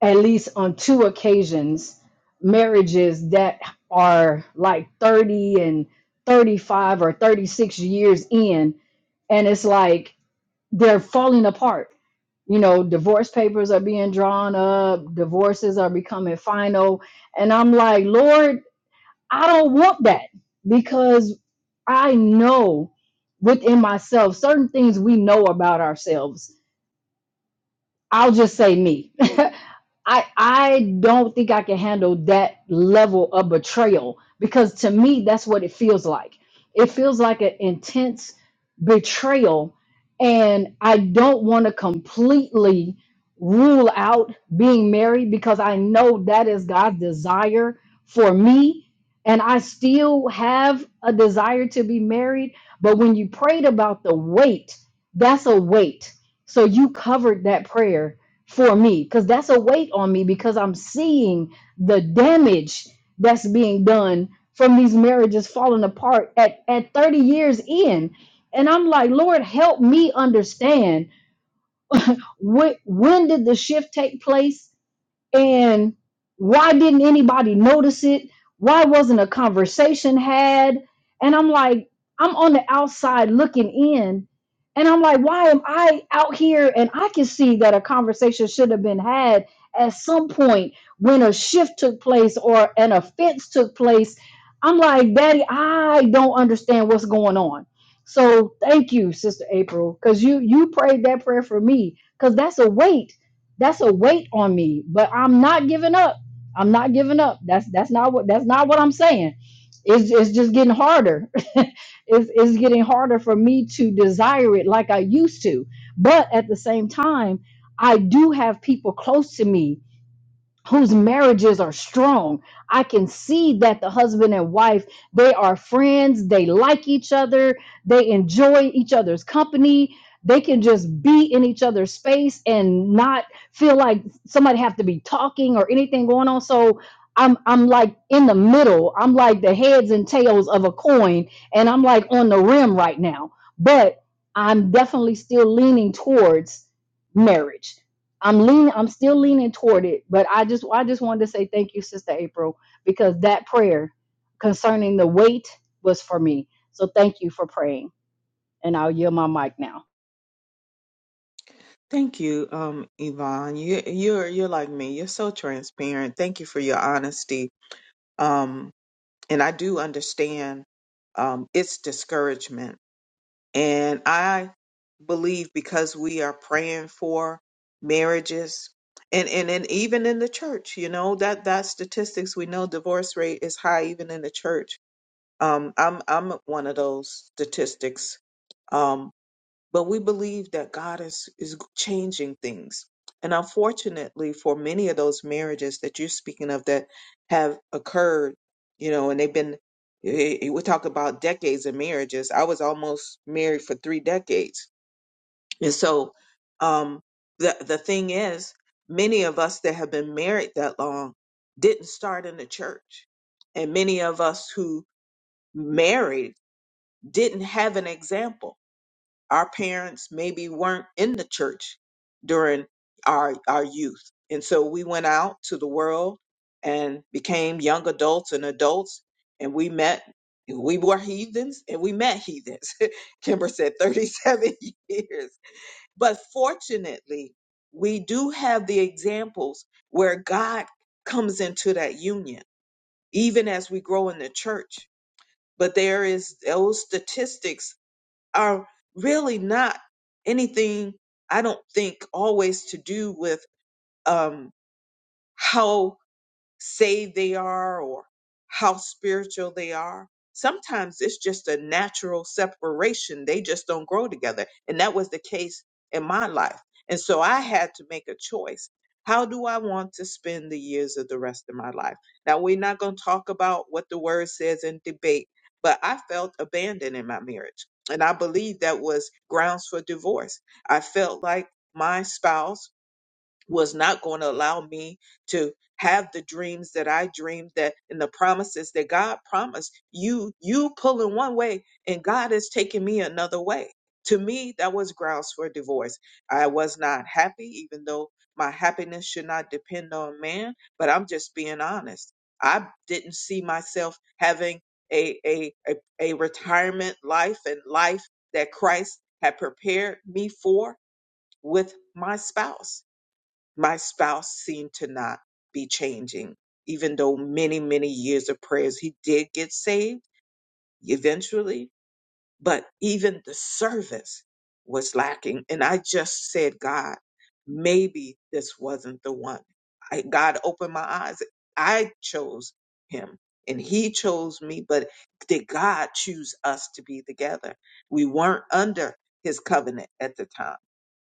[SPEAKER 4] at least on two occasions, marriages that are like 30 and 35 or 36 years in. And it's like, they're falling apart. You know, divorce papers are being drawn up, divorces are becoming final. And I'm like, Lord, I don't want that because I know within myself certain things we know about ourselves I'll just say me. I I don't think I can handle that level of betrayal because to me that's what it feels like. It feels like an intense betrayal and I don't want to completely rule out being married because I know that is God's desire for me and I still have a desire to be married, but when you prayed about the weight, that's a weight so you covered that prayer for me because that's a weight on me because I'm seeing the damage that's being done from these marriages falling apart at, at 30 years in. And I'm like, Lord, help me understand what, when did the shift take place? And why didn't anybody notice it? Why wasn't a conversation had? And I'm like, I'm on the outside looking in. And I'm like, why am I out here? And I can see that a conversation should have been had at some point when a shift took place or an offense took place. I'm like, Daddy, I don't understand what's going on. So thank you, Sister April, because you you prayed that prayer for me. Because that's a weight that's a weight on me, but I'm not giving up. I'm not giving up. That's that's not what that's not what I'm saying. It's it's just getting harder. it's it's getting harder for me to desire it like I used to. But at the same time, I do have people close to me whose marriages are strong. I can see that the husband and wife, they are friends, they like each other, they enjoy each other's company. They can just be in each other's space and not feel like somebody have to be talking or anything going on. So I'm I'm like in the middle. I'm like the heads and tails of a coin and I'm like on the rim right now. But I'm definitely still leaning towards marriage I'm leaning, I'm still leaning toward it, but I just I just wanted to say thank you, Sister April, because that prayer concerning the weight was for me. So thank you for praying. And I'll yield my mic now.
[SPEAKER 1] Thank you, um, Yvonne. You, you're you're like me. You're so transparent. Thank you for your honesty. Um, and I do understand um, it's discouragement And I believe because we are praying for marriages and, and, and even in the church, you know, that, that statistics we know divorce rate is high even in the church. Um, I'm I'm one of those statistics. Um, but we believe that God is is changing things. And unfortunately, for many of those marriages that you're speaking of that have occurred, you know, and they've been eh, eh, eh, we talk about decades of marriages. I was almost married for three decades, and so um, the the thing is, many of us that have been married that long didn't start in the church, and many of us who married didn't have an example our parents maybe weren't in the church during our our youth and so we went out to the world and became young adults and adults and we met we were heathens and we met heathens kimber said 37 years but fortunately we do have the examples where god comes into that union even as we grow in the church but there is those statistics are really not anything, I don't think, always to do with um, how saved they are or how spiritual they are. Sometimes it's just a natural separation. They just don't grow together. And that was the case in my life. And so I had to make a choice. How do I want to spend the years of the rest of my life? Now, we're not going to talk about what the word says in debate, but I felt abandoned in my marriage. And I believe that was grounds for divorce. I felt like my spouse was not going to allow me to have the dreams that I dreamed that and the promises that God promised. You you pulling one way and God is taking me another way. To me, that was grounds for divorce. I was not happy, even though my happiness should not depend on man, but I'm just being honest. I didn't see myself having a a a, a retirement life and life that Christ had prepared me for with my spouse my spouse seemed to not be changing, even though many, many years of prayers, he did get saved eventually, but even the service was lacking. And I just said, God, maybe this wasn't the one. I, God opened my eyes. I chose him and he chose me, but did God choose us to be together? We weren't under his covenant at the time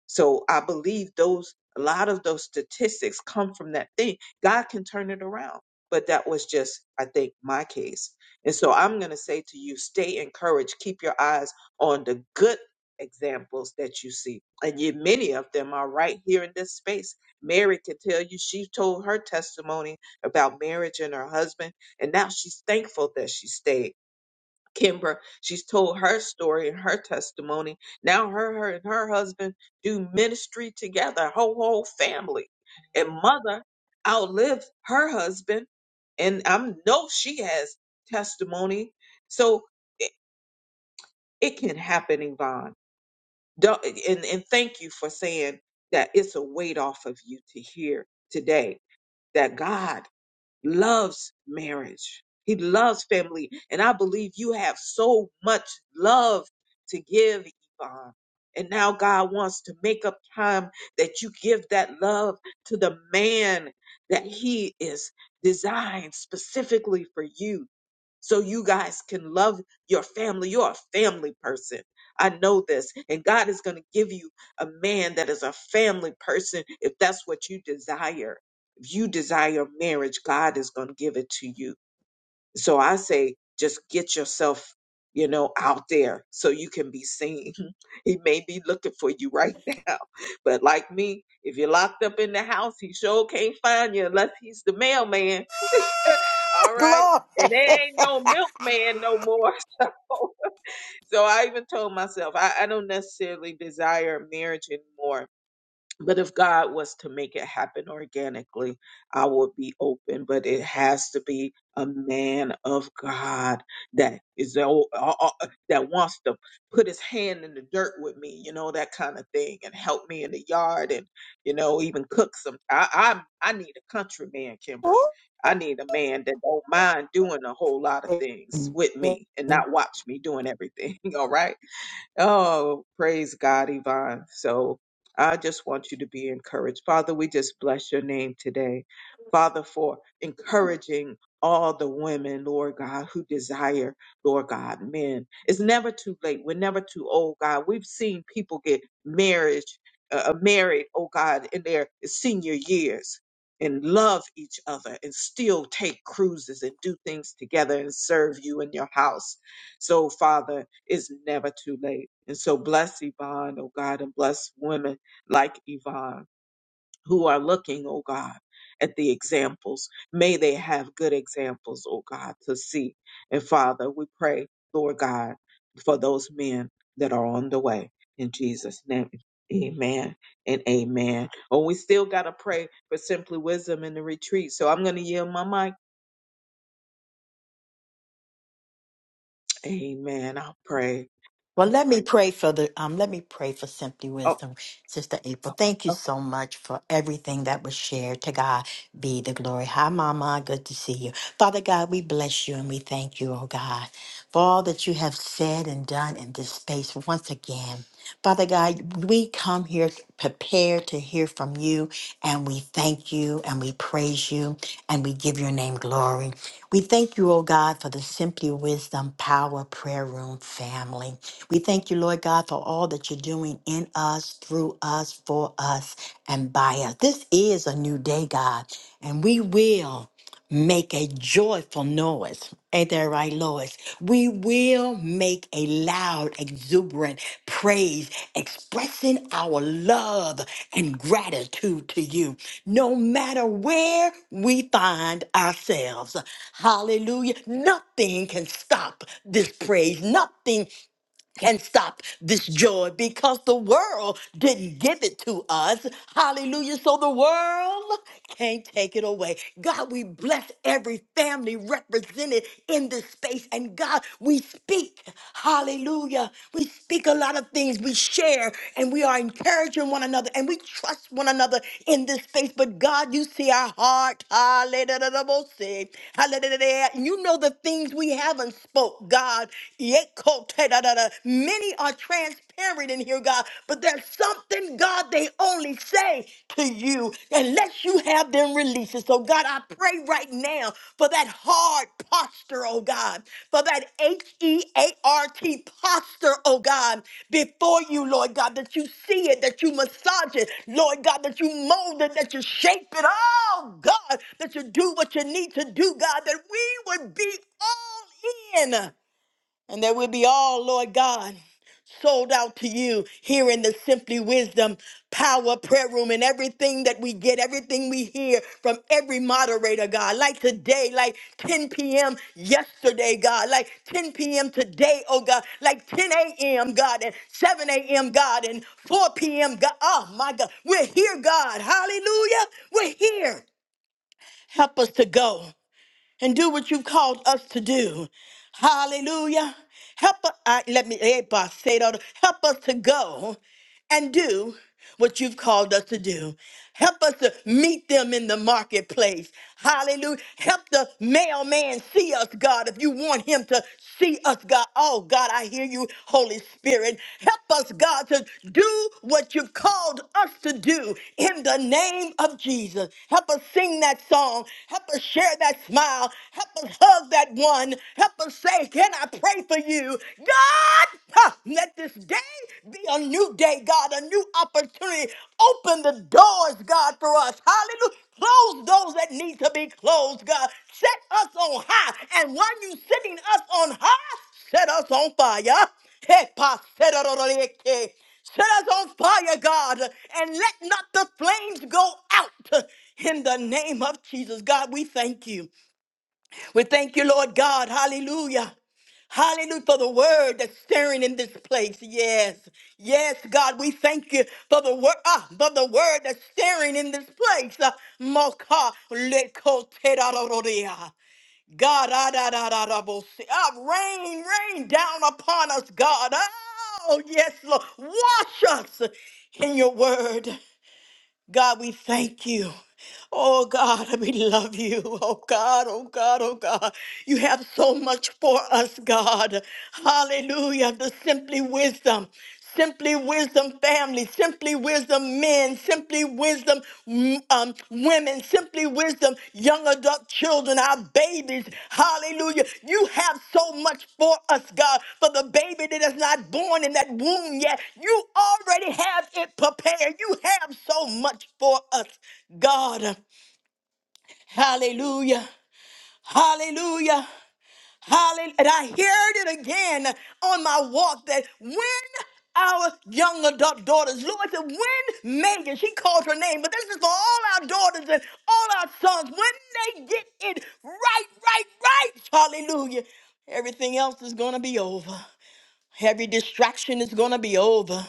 [SPEAKER 1] so I believe those a lot of those statistics come from that thing. God can turn it around. But that was just, I think, my case. And so I'm gonna say to you, stay encouraged, keep your eyes on the good examples that you see. And you, many of them are right here in this space. Mary can tell you she told her testimony about marriage and her husband, and now she's thankful that she stayed Kimbra, she's told her story and her testimony. Now her, her and her husband do ministry together, Whole whole family. And mother outlived her husband, and I know she has testimony. So it, it can happen, Yvonne. Don't, and, and thank you for saying that it's a weight off of you to hear today that God loves marriage. He loves family. And I believe you have so much love to give, Yvonne. And now God wants to make up time that you give that love to the man that he is designed specifically for you. So you guys can love your family. You're a family person. I know this. And God is going to give you a man that is a family person if that's what you desire if you desire marriage, God is going to give it to you. So I say, just get yourself, you know, out there so you can be seen. He may be looking for you right now. But like me, if you're locked up in the house, he sure can't find you unless he's the mailman. All right.
[SPEAKER 5] Glory.
[SPEAKER 1] And there ain't no milkman no more. So, so I even told myself, I, I don't necessarily desire marriage anymore but if God was to make it happen organically, I would be open. But it has to be a man of God that is o- o- o- that wants to put his hand in the dirt with me, you know, that kind of thing, and help me in the yard, and you know, even cook some. I I, I need a countryman, Kimber. I need a man that don't mind doing a whole lot of things with me and not watch me doing everything. All right Oh, praise God, Yvonne. So I just want you to be encouraged. Father, we just bless your name today. Father, for encouraging all the women, Lord God, who desire, Lord God, men. It's never too late. We're never too old, God. We've seen people get marriage, uh, uh, married, oh God, in their senior years and love each other and still take cruises and do things together and serve you in your house so, Father, it's never too late. And so bless Yvonne, oh God, and bless women like Yvonne who are looking, oh God, at the examples. May they have good examples, oh God, to see. And Father, we pray, Lord God, for those men that are on the way. In Jesus' name, amen and amen. Oh, we still got to pray for Simply Wisdom in the retreat. So I'm going to yield my mic. Amen. I'll pray.
[SPEAKER 5] Well, let me pray for the um let me pray for Simply
[SPEAKER 1] Oh.
[SPEAKER 5] Wisdom, Sister April. Thank you so much for everything that was shared. To God be the glory. Hi, Mama. Good to see you. Father God, we bless you and we thank you, oh God, for all that you have said and done in this space once again. Father God, we come here prepared to hear from you and we thank you and we praise you. and we give your name glory. We thank you, O God, for the Simply Wisdom Power Prayer Room family. We thank you, Lord God, for all that you're doing in us, through us, for us, and by us. This is a new day, God, and we will make a joyful noise. Ain't that right, Lois? We will make a loud, exuberant praise, expressing our love and gratitude to you, no matter where we find ourselves. Hallelujah. Nothing can stop this praise. Nothing can stop this joy because the world didn't give it to us. Hallelujah. So the world can't take it away. God, we bless every family represented in this space. And God, we speak. Hallelujah. We speak a lot of things. We share and we are encouraging one another and we trust one another in this space. But God, you see our heart. Hallelujah. Hallelujah. And you know the things we haven't spoke, God. Many are transparent in here, God, but there's something, God, they only say to you unless you have them released. And so, God, I pray right now for that hard posture, oh God, for that H E A R T posture, oh God, before you, Lord God, that you see it, that you massage it, Lord God, that you mold it, that you shape it, oh God, that you do what you need to do, God, that we would be all in. And that we'll be all, Lord God, sold out to you here in the Simply Wisdom Power Prayer Room and everything that we get, everything we hear from every moderator, God. Like today, like 10 p.m. yesterday, God. Like 10 p.m. today, oh God. Like 10 a.m., God, and 7 a.m., God, and 4 p.m., God. Oh, my God. We're here, God. Hallelujah. We're here. Help us to go and do what you've called us to do. Hallelujah. Help us, I, let me, eh, boss, say it all. help us to go and do what you've called us to do. Help us to meet them in the marketplace. Hallelujah. Help the mailman see us, God, if you want him to see us, God. Oh, God, I hear you, Holy Spirit. Help us, God, to do what you've called us to do in the name of Jesus. Help us sing that song. Help us share that smile. Help us hug that one. Help us say, Can I pray for you? you. God, ha, let this day be a new day, God, a new opportunity. Open the doors, God, for us. Hallelujah. Close those that need to be closed, God. Set us on high. And while you sitting us on high, set us on fire. Hey, pa, set us on fire. Set us on fire, God, and let not the flames go out in the name of Jesus. God, we thank you. We thank you, Lord God. Hallelujah. Hallelujah for the word that's stirring in this place. Yes. Yes, God, we thank you for the word ah, for the word that's stirring in this place. Uh, Moka lekoterarororea. God, ah, da, da, da, da, bo- si- ah, rain, rain down upon us, God. Oh, yes, Lord. Wash us in your word. God, we thank you. Oh God, we love you. Oh God, oh God, oh God. You have so much for us, God. Hallelujah. The simply wisdom. Simply wisdom family, simply wisdom men, simply wisdom um, women, simply wisdom, young adult children, our babies. Hallelujah. You have so much for us, God. For the baby that is not born in that womb yet, you already have it prepared. You have so much for us, God. Hallelujah. Hallelujah. Hallelujah. And I heard it again on my walk that when our young adult daughters, Lord said, when Megan, she called her name, but this is for all our daughters and all our sons, when they get it right, right, right, hallelujah, everything else is going to be over. Every distraction is going to be over.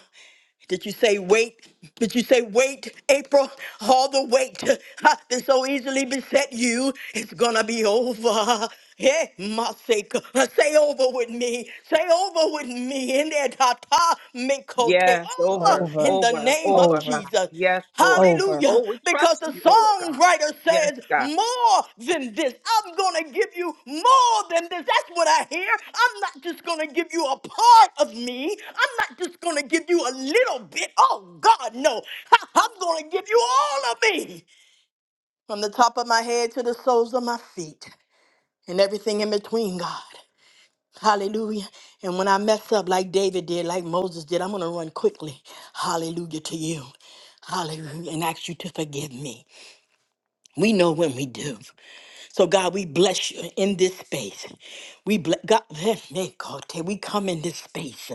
[SPEAKER 5] Did you say wait? Did you say wait, April? All the weight ha, that so easily beset you, it's gonna be over. Yeah, my sake, uh, say over with me. Say over with me. In there, ta ta, make over
[SPEAKER 1] Yes, over,
[SPEAKER 5] in
[SPEAKER 4] Over,
[SPEAKER 5] the
[SPEAKER 1] over,
[SPEAKER 5] name of
[SPEAKER 1] over, God.
[SPEAKER 4] over,
[SPEAKER 5] Jesus.
[SPEAKER 1] Yes, Lord.
[SPEAKER 4] over.
[SPEAKER 5] Hallelujah.
[SPEAKER 1] Oh, we
[SPEAKER 5] Because
[SPEAKER 1] trust
[SPEAKER 5] the
[SPEAKER 1] you, Lord God.
[SPEAKER 5] songwriter
[SPEAKER 1] Yes,
[SPEAKER 5] says
[SPEAKER 1] God.
[SPEAKER 5] more than this. I'm going to give you more than this. That's what I hear. I'm not just going to give you a part of me. I'm not just going to give you a little bit. Oh, God, no. I- I'm going to give you all of me from the top of my head to the soles of my feet and everything in between, God. Hallelujah. And when I mess up like David did, like Moses did, I'm going to run quickly. Hallelujah to you. Hallelujah. And ask you to forgive me. We know when we do. So God, we bless you in this space. We bless God. hey, God, We come in this space.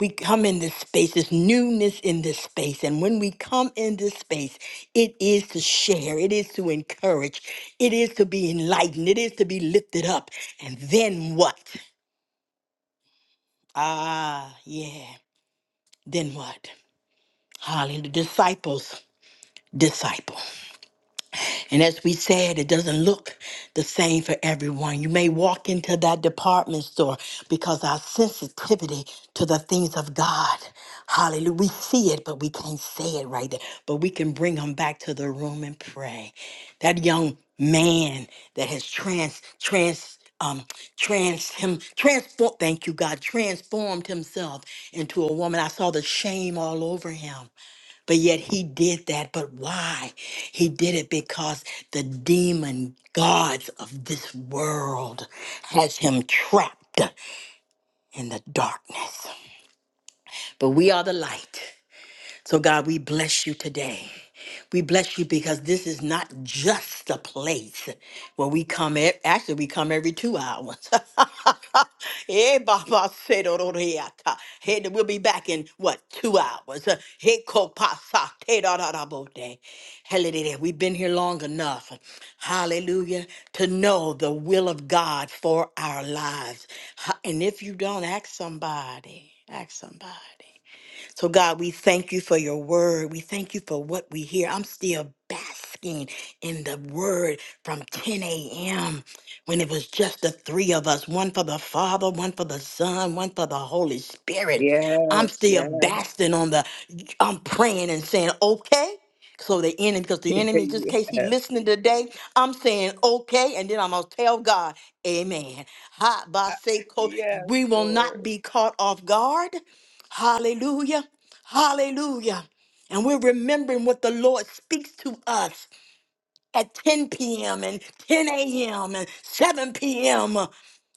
[SPEAKER 5] We come in this space. There's newness in this space. And when we come in this space, it is to share. It is to encourage. It is to be enlightened. It is to be lifted up. And then what? Ah, yeah. Then what? Hallelujah. Disciples. Disciple. And as we said, it doesn't look the same for everyone. You may walk into that department store because our sensitivity to the things of God, hallelujah, we see it, but we can't say it right there. But we can bring them back to the room and pray. That young man that has trans, trans, um, trans him transform. Thank you, God. Transformed himself into a woman. I saw the shame all over him. But yet he did that. But why? He did it because the demon gods of this world has him trapped in the darkness. But we are the light. So, God, we bless you today. We bless you because this is not just a place where we come. e- Actually, we come every two hours. Eh, Baba said, "Oh, Lord, eh, ah, eh, We'll be back in what two hours? Eh, eh, ko pa sa te da da da bo de. Hallelujah. We've been here long enough. Hallelujah. To know the will of God for our lives. Ha- And if you don't, ask somebody. Ask somebody. So, God, we thank you for your word. We thank you for what we hear. I'm still basking in the word from 10 a.m. when it was just the three of us one for the Father, one for the Son, one for the Holy Spirit. I'm
[SPEAKER 1] Yes,
[SPEAKER 5] still
[SPEAKER 1] yes,
[SPEAKER 5] basking on the, I'm praying and saying, okay. So the enemy, because the enemy, just in
[SPEAKER 1] yes,
[SPEAKER 5] case he listening today, I'm saying okay, and then I'm gonna tell God, Amen. Ha, ba, se, ko.
[SPEAKER 1] yes,
[SPEAKER 5] We will
[SPEAKER 1] Lord.
[SPEAKER 5] not be caught off guard. Hallelujah. Hallelujah. And we're remembering what the Lord speaks to us at 10 p.m. and 10 a.m. and 7 p.m.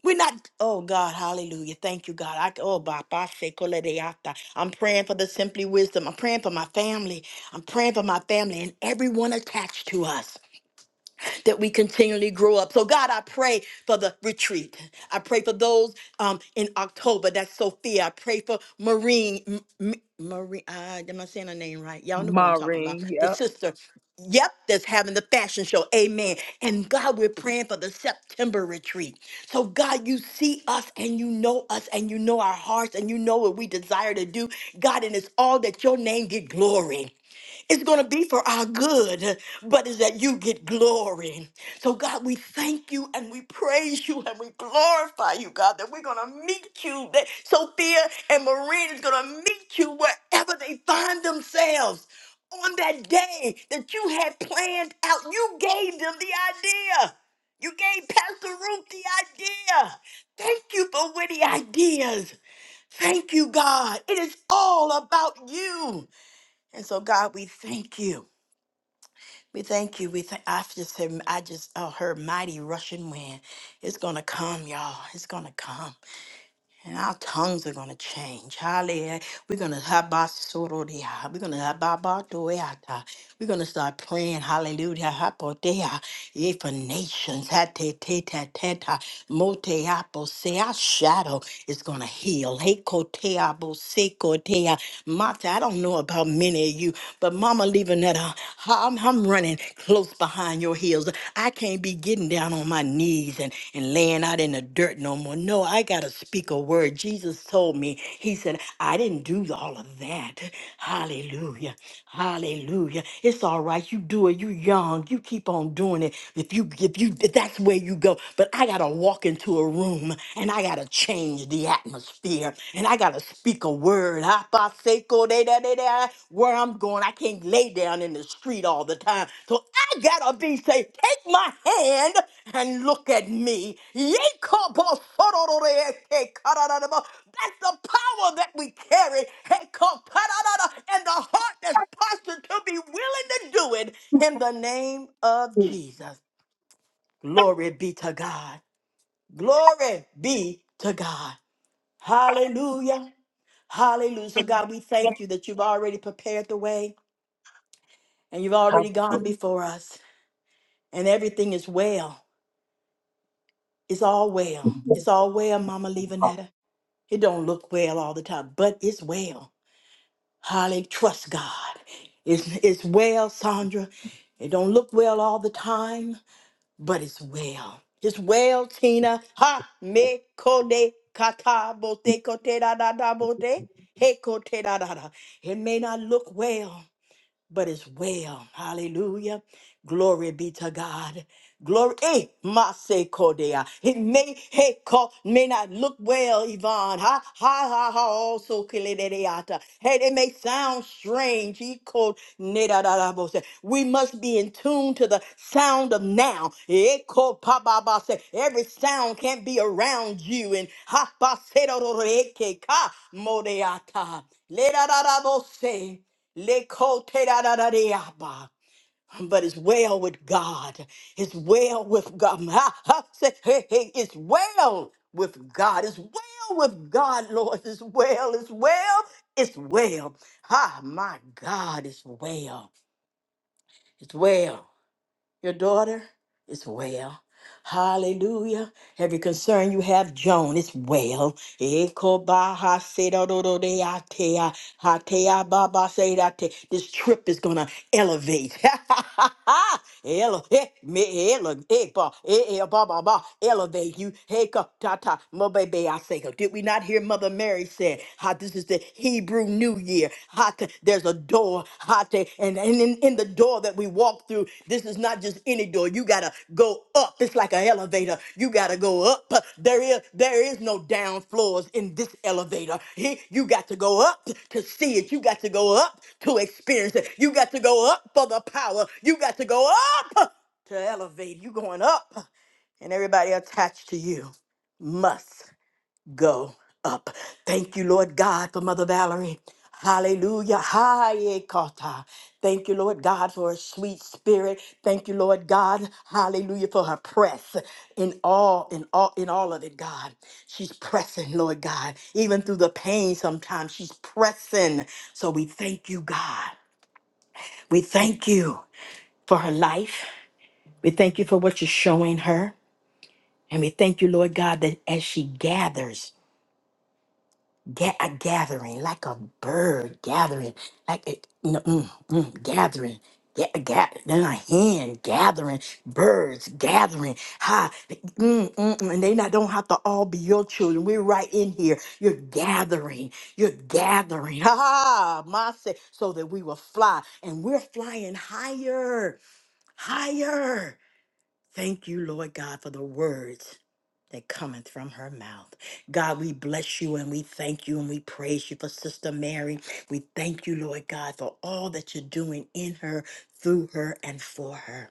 [SPEAKER 5] We're not, oh God, hallelujah. Thank you, God. I, oh, Baba, Sekoledeata. I'm praying for the Simply Wisdom. I'm praying for my family. I'm praying for my family and everyone attached to us that we continually grow up. So, God, I pray for the retreat. I pray for those um, in October. That's Sophia. I pray for Marine. M- M- Marie, uh, am I saying her name right? Y'all know who I'm talking about.
[SPEAKER 1] Maureen,
[SPEAKER 5] The
[SPEAKER 1] yep.
[SPEAKER 5] sister, yep, that's having the fashion show. Amen. And God, we're praying for the September retreat. So, God, you see us and you know us and you know our hearts and you know what we desire to do. God, and it's all that your name get glory. It's going to be for our good, but it's that you get glory. So, God, we thank you and we praise you and we glorify you, God, that we're going to meet you. That Sophia and Maureen is going to meet you wherever they find themselves on that day that you had planned out. You gave them the idea. You gave Pastor Ruth the idea. Thank you for witty ideas. Thank you, God. It is all about you. And so, God, we thank you. We thank you. We thank. I just said I just uh, heard mighty rushing wind. It's gonna come, y'all. It's gonna come and our tongues are going to change. Hallelujah. We're going to have basorodia. We're going to have babadoyata. We're going to start praying. Hallelujah. hapotea. Yea, for nations. Hate teta teta. Mote apo Our shadow is going to heal. Hey, kotea bo se Mata, I don't know about many of you, but Mama Levanetta, I'm, I'm running close behind your heels. I can't be getting down on my knees and, and laying out in the dirt no more. No, I got to speak a word. Jesus told me, He said, I didn't do all of that. Hallelujah. Hallelujah. It's all right. You do it. You're young. You keep on doing it. If you if you if that's where you go. But I gotta walk into a room and I gotta change the atmosphere and I gotta speak a word. Apaseko de da de da. Where I'm going, I can't lay down in the street all the time. So I gotta be say, take my hand and look at me. Yekobosorororete-karararabo. That's the power that we carry. Hekopararara, And the heart that's postured to be willing to do it in the name of
[SPEAKER 6] Sister
[SPEAKER 5] Jesus. Glory be to God. Glory be to God. Hallelujah. Hallelujah. So, God, we thank you that you've already prepared the way and you've already gone before us, and everything is well. It's all well. It's all well, Mama Levanetta. It don't look well all the time, but it's well. Holly, trust God. It's, it's well, Sandra. It don't look well all the time, but it's well. It's well, Tina. Ha me kode kata bote kote da da da bote. He kote da da da. It may not look well but it's well. Hallelujah. Glory be to God. Glory. Hey, Mase Kodea. It may hey, co- may not look well, Yvonne. Ha ha ha ha also keledeata. Hey, it may sound strange. He called nedadadabose. We must be in tune to the sound of now. Eh, ko pa ba ba. se. Every sound can't be around you. And ha ba se do do do eke ka modeata. Ledadadabose. Lekoteradadadeyaba. But it's well with God. It's well with God. Ha, ha, say, hey, hey, It's well with God. It's well with God, Lord. It's well. It's well. It's well. Ah, my God, it's well. It's well. Your daughter is well. Hallelujah. Every concern you have, Joan, is well. Eko ba ha se da do do de a te a, ha te a ba ba se da te. This trip is going to elevate. Ele- eh, me- ele- eh, ba- eh, eh, ba- ba- ba. Elevate you. Hey, ka- ta ta. Mo be be a se ko. Did we not hear Mother Mary said, how this is the Hebrew New Year? Ha te- There's a door. ha te- And and in in the door that we walk through, this is not just any door. You gotta go up. It's like an elevator. You gotta go up. There is there is no down floors in this elevator. He- You got to go up to see it. You got to go up to experience it. You got to go up for the power. You got to go up to elevate. You going up, and everybody attached to you must go up. Thank you, Lord God, for Mother Valerie. Hallelujah. Haye Kata! Thank you, Lord God, for her sweet spirit. Thank you, Lord God. Hallelujah for her press in all, in all, in all of it, God. She's pressing, Lord God. Even through the pain sometimes, she's pressing. So we thank you, God. We thank you for her life. We thank you for what you're showing her. And we thank you, Lord God, that as she gathers, Ga- a gathering, like a bird gathering, like a no, mm, mm, gathering. Ga- ga- then a hen gathering, birds gathering. Ha, mm, mm, mm, and they not don't have to all be your children. We're right in here. You're gathering. You're gathering. Ha, my say, so that we will fly, and we're flying higher, higher. Thank you, Lord God, for the words that cometh from her mouth. God, we bless you and we thank you and we praise you for Sister Mary. We thank you, Lord God, for all that you're doing in her, through her, and for her.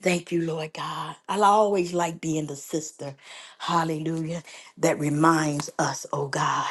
[SPEAKER 5] Thank you, Lord God. I always like being the sister, hallelujah, that reminds us, oh God,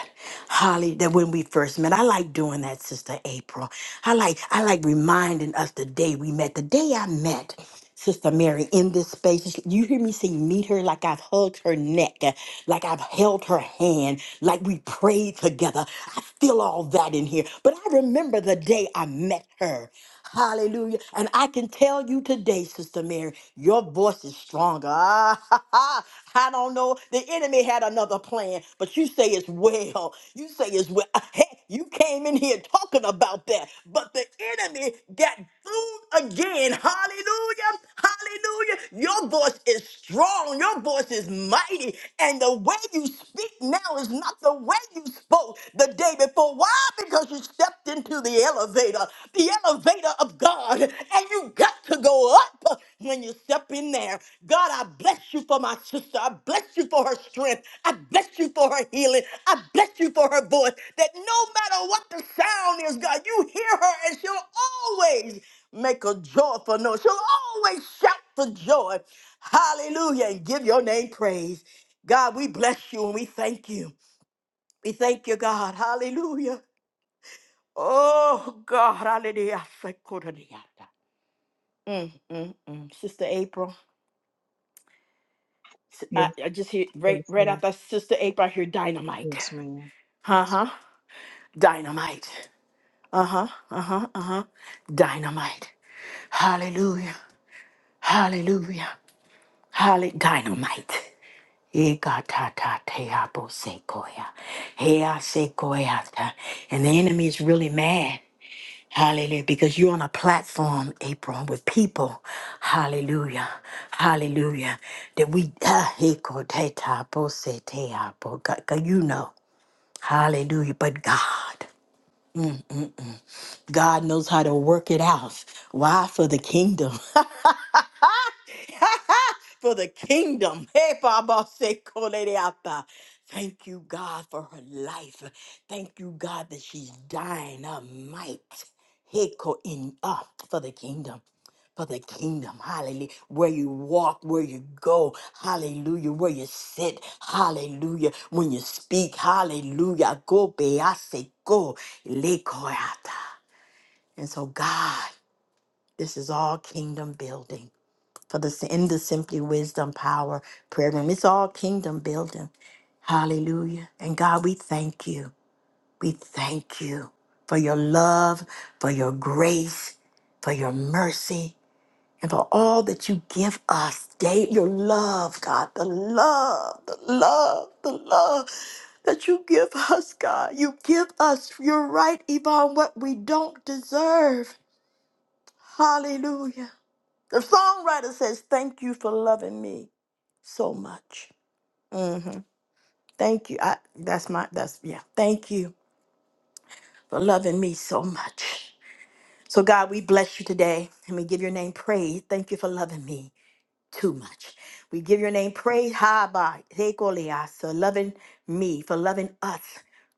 [SPEAKER 5] holly, that when we first met, I like doing that, Sister April. I like, I like reminding us the day we met, the day I met. Sister Mary in this space. You hear me say, meet her like I've hugged her neck, uh, like I've held her hand, like we prayed together. I feel all that in here. But I remember the day I met her. Hallelujah. And I can tell you today, Sister Mary, your voice is stronger. Ah, ha, ha. I don't know. The enemy had another plan, but you say it's well. You say it's well. Hey, you came in here talking about that, but the enemy got food again. Hallelujah. Hallelujah. Your voice is strong. Your voice is mighty. And the way you speak now is not the way you spoke the day before. Why? Because you stepped into the elevator, the elevator of God. And you got to go up when you step in there. God, I bless you for my sister. I bless you for her strength. I bless you for her healing. I bless you for her voice. That no matter what the sound is, God, you hear her and she'll always make a joyful noise. She'll always shout for joy. Hallelujah. And give your name praise. God, we bless you and we thank you. We thank you, God. Hallelujah. Oh, God. Hallelujah. Mm, mm, mm. Sister April. S- I,
[SPEAKER 1] Yes,
[SPEAKER 5] I just hear right,
[SPEAKER 1] yes,
[SPEAKER 5] right
[SPEAKER 1] ma'am.
[SPEAKER 5] after Sister April, I hear dynamite.
[SPEAKER 1] Yes, ma'am.
[SPEAKER 5] Uh huh. Dynamite. Uh huh. Uh huh. Uh huh. Dynamite. Hallelujah. Hallelujah. Hallelujah. Dynamite. Ikatatateabosekoya. Heasekoyata. And the enemy is really mad. Hallelujah. Because you're on a platform, April, with people. Hallelujah. Hallelujah. That we, ah, ikotetaboseteabo. God- God, you know. Hallelujah. But God, God knows how to work it out. Why? For the kingdom. for the kingdom. Hey, Baba, say, "Kolereata." Thank you, God, for her life. Thank you, God, that she's dying a might. Hey, ko- in uh, for the kingdom. For the kingdom, hallelujah. Where you walk, where you go, hallelujah. Where you sit, hallelujah. When you speak, hallelujah. Go, bease, go, lekoyata. And so, God, this is all kingdom building for the in the simply wisdom power prayer room. It's all kingdom building. Hallelujah. And God, we thank you. We thank you for your love, for your grace, for your mercy, and for all that you give us. Day, your love, God, the love, the love, the love that you give us, God. You give us, you're right, Yvonne, what we don't deserve. Hallelujah. The songwriter says, Thank you for loving me so much. hmm Thank you. I, that's my, that's, yeah. Thank you for loving me so much. So, God, we bless you today and we give your name praise. Thank you for loving me. too much. We give your name praise, Haba, Hekoleas, for loving me, for loving us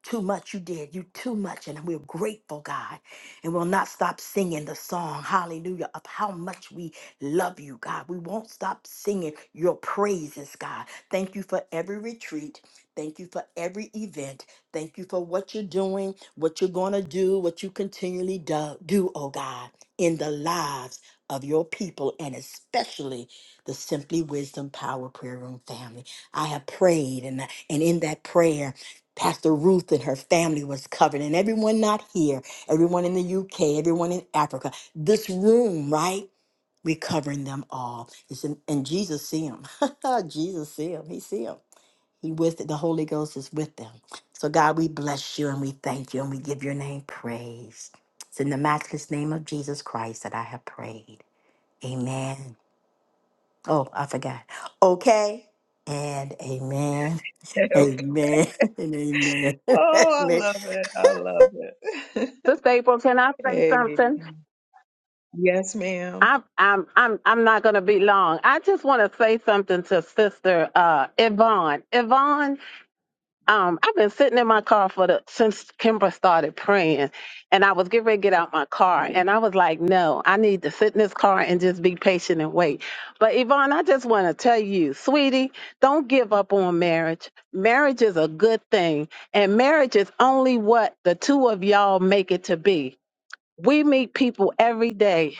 [SPEAKER 5] too much. You did, you too much. And we're grateful, God. And we'll not stop singing the song, hallelujah, of how much we love you, God. We won't stop singing your praises, God. Thank you for every retreat. Thank you for every event. Thank you for what you're doing, what you're going to do, what you continually do, do, oh God, in the lives of your people and especially the Simply Wisdom Power Prayer Room family. I have prayed, and, and in that prayer, Pastor Ruth and her family was covered, and everyone not here, everyone in the UK, everyone in Africa, this room, right? We're covering them all. It's in, and Jesus see them. Jesus see them. He see them. He with it. The Holy Ghost is with them. So God, we bless you and we thank you and we give your name praise. It's in the matchless name of Jesus Christ that I have prayed. Amen. Oh, I forgot. Okay. And amen. Amen.
[SPEAKER 1] Okay.
[SPEAKER 5] And amen.
[SPEAKER 1] Oh, I
[SPEAKER 5] amen.
[SPEAKER 1] love it. I love it.
[SPEAKER 6] April, can I say
[SPEAKER 1] hey.
[SPEAKER 6] something?
[SPEAKER 1] Yes, ma'am.
[SPEAKER 6] I'm I'm I'm I'm not gonna be long. I just want to say something to Sister uh Yvonne. Yvonne, um, I've been sitting in my car for the since Kimbra started praying, and I was getting ready to get out my car, and I was like, "No, I need to sit in this car and just be patient and wait." But Yvonne, I just want to tell you, sweetie, don't give up on marriage. Marriage is a good thing, and marriage is only what the two of y'all make it to be. We meet people every day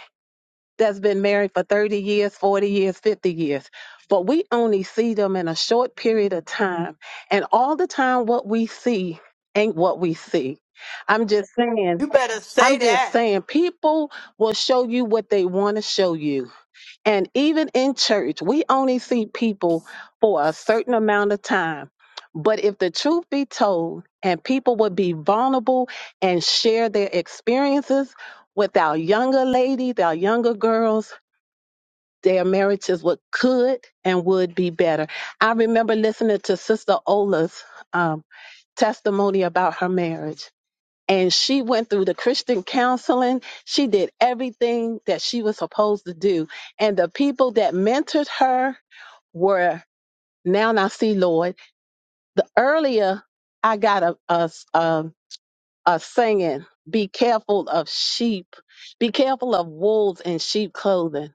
[SPEAKER 6] that's been married for 30 years, 40 years, 50 years. But we only see them in a short period of time. And all the time, what we see ain't what we see. I'm just saying,
[SPEAKER 5] You better say
[SPEAKER 6] I'm just
[SPEAKER 5] that.
[SPEAKER 6] saying, people will show you what they want to show you. And even in church, we only see people for a certain amount of time. But if the truth be told, and people would be vulnerable and share their experiences with our younger ladies, our younger girls, their marriages would could and would be better. I remember listening to Sister Ola's um, testimony about her marriage. And she went through the Christian counseling. She did everything that she was supposed to do. And the people that mentored her were now I see Lord. The earlier I got a a, a, a singing, be careful of sheep, be careful of wolves in sheep clothing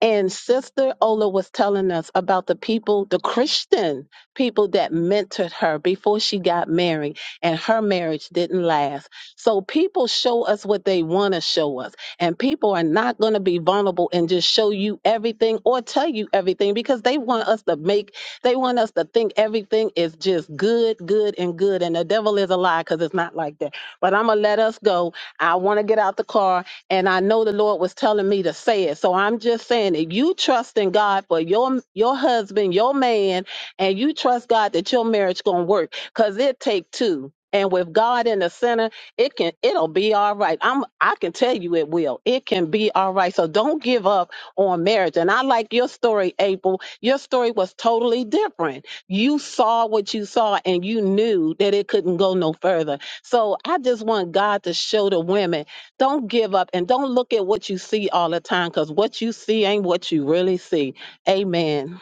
[SPEAKER 6] and Sister Ola was telling us about the people, the Christian people that mentored her before she got married, and her marriage didn't last. So people show us what they want to show us, and people are not going to be vulnerable and just show you everything or tell you everything because they want us to make, they want us to think everything is just good, good, and good. And the devil is a lie because it's not like that. But I'm going to let us go. I want to get out the car and I know the Lord was telling me to say it. So I'm just saying that you trust in God for your your husband, your man, and you trust God that your marriage gonna work because it take two. And with God in the center, it can it'll be all right. I'm I can tell you it will. It can be all right. So don't give up on marriage. And I like your story, April. Your story was totally different. You saw what you saw and you knew that it couldn't go no further. So I just want God to show the women don't give up and don't look at what you see all the time because what you see ain't what you really see. Amen.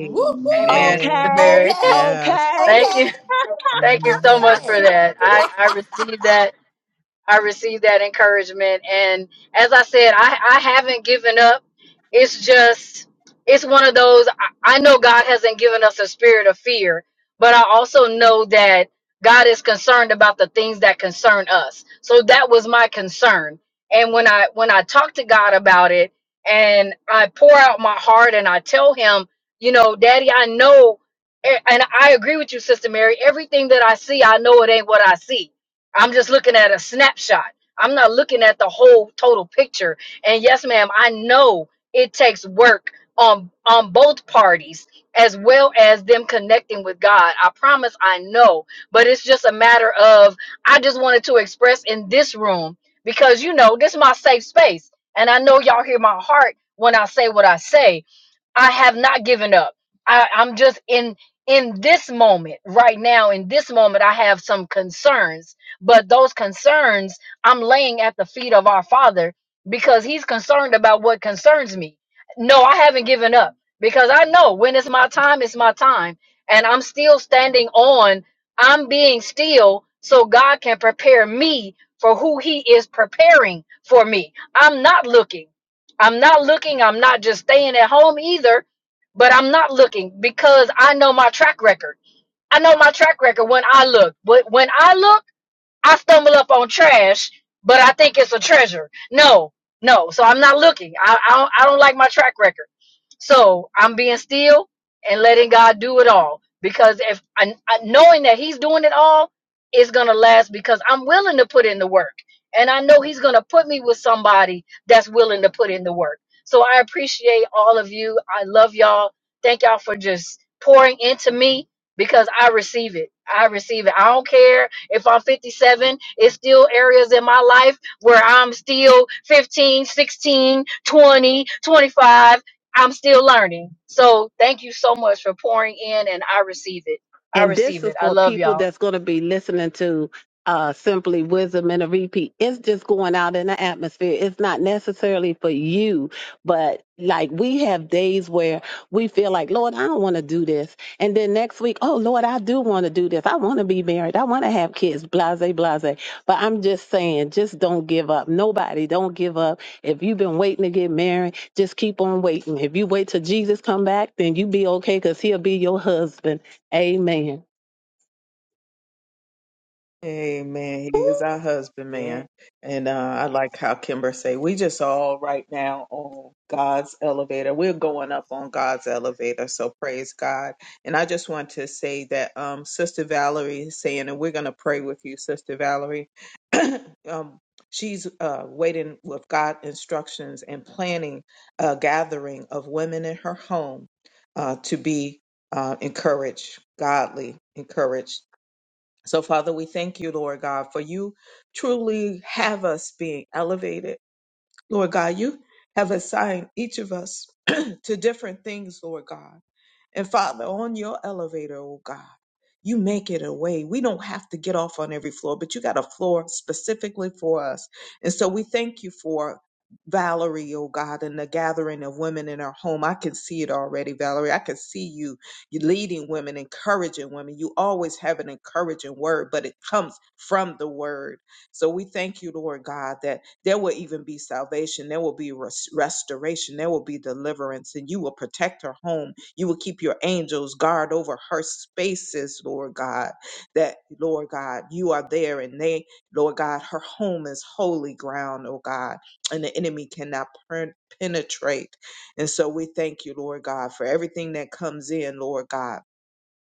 [SPEAKER 5] Woo
[SPEAKER 4] Amen, Sister
[SPEAKER 5] woo.
[SPEAKER 6] Okay.
[SPEAKER 4] Mary.
[SPEAKER 5] Okay.
[SPEAKER 1] Yes.
[SPEAKER 6] Okay.
[SPEAKER 4] Thank
[SPEAKER 5] Okay.
[SPEAKER 4] you. Thank you so
[SPEAKER 1] Amen.
[SPEAKER 5] And
[SPEAKER 4] much for
[SPEAKER 5] amen.
[SPEAKER 4] that. I, I received that. I received that encouragement. And as I said, I, I haven't given up. it's just it's one of those i I know god hasn't given us a spirit of fear but i also know that god is concerned about the things that concern us so that was my concern and when i when i talk to god about it and i pour out my heart and i tell him you know daddy i know a- and i agree with you sister mary everything that i see i know it ain't what i see i'm just looking at a snapshot i'm not looking at the whole total picture and yes ma'am i know it takes work on on both parties as well as them connecting with God. I promise I know, but it's just a matter of I just wanted to express in this room because you know, this is my safe space and I know y'all hear my heart when I say what I say I have not given up. I, I'm just in in this moment right now. In this moment, I have some concerns, but those concerns I'm laying at the feet of our Father because He's concerned about what concerns me. No, I haven't given up because I know when it's my time, it's my time, and I'm still standing on. I'm being still so God can prepare me for who He is preparing for me. I'm not looking. I'm not looking. I'm not just staying at home either, but I'm not looking because I know my track record. I know my track record when I look. But when I look, I stumble up on trash, but I think it's a treasure. No, no. So I'm not looking. I, I, don't, I don't like my track record. So I'm being still and letting God do it all because if I, I- knowing that He's doing it all is gonna last because I'm willing to put in the work and I know He's gonna put me with somebody that's willing to put in the work. So I appreciate all of you. I love y'all. Thank y'all for just pouring into me because I receive it. I receive it. I don't care if I'm 57. It's still areas in my life where I'm still 15, 16, 20, 25 I'm still learning. So thank you so much for pouring in and I receive it. I
[SPEAKER 6] And this
[SPEAKER 4] receive
[SPEAKER 6] is
[SPEAKER 4] it. I
[SPEAKER 6] for
[SPEAKER 4] love
[SPEAKER 6] people
[SPEAKER 4] y'all.
[SPEAKER 6] that's going to be listening to uh, Simply Wisdom and a repeat. It's just going out in the atmosphere. It's not necessarily for you, but like we have days where we feel like, Lord, I don't want to do this. And then next week, oh, Lord, I do want to do this. I want to be married. I want to have kids, blase, blase. But I'm just saying, just don't give up. Nobody, don't give up. If you've been waiting to get married, just keep on waiting. If you wait till Jesus come back, then you be okay because he'll be your husband Amen.
[SPEAKER 1] Amen.
[SPEAKER 5] Woo.
[SPEAKER 1] He is our husband,
[SPEAKER 5] Yeah.
[SPEAKER 1] man. And uh, I like how Kimber say, we just all right now on God's elevator. We're going up on God's elevator. So praise God. And I just want to say that um, Sister Valerie is saying, and we're going to pray with you, Sister Valerie. um, she's uh, waiting with God instructions and planning a gathering of women in her home uh, to be uh, encouraged, godly, encouraged. So, Father, we thank you, Lord God, for you truly have us being elevated. Lord God, you have assigned each of us to different things, Lord God. And Father, on your elevator, oh God, you make it a way. We don't have to get off on every floor, but you got a floor specifically for us. And so we thank you for Valerie, oh God, and the gathering of women in her home. I can see it already, Valerie. I can see you, you leading women, encouraging women. You always have an encouraging word, but it comes from the word. So we thank you, Lord God, that there will even be salvation, there will be res- restoration, there will be deliverance, and you will protect her home you will keep your angels guard over her spaces, Lord God. That, Lord God, you are there and they, Lord God, her home is holy ground, oh God, and the enemy cannot pen- penetrate. And so we thank you, Lord God, for everything that comes in, Lord God.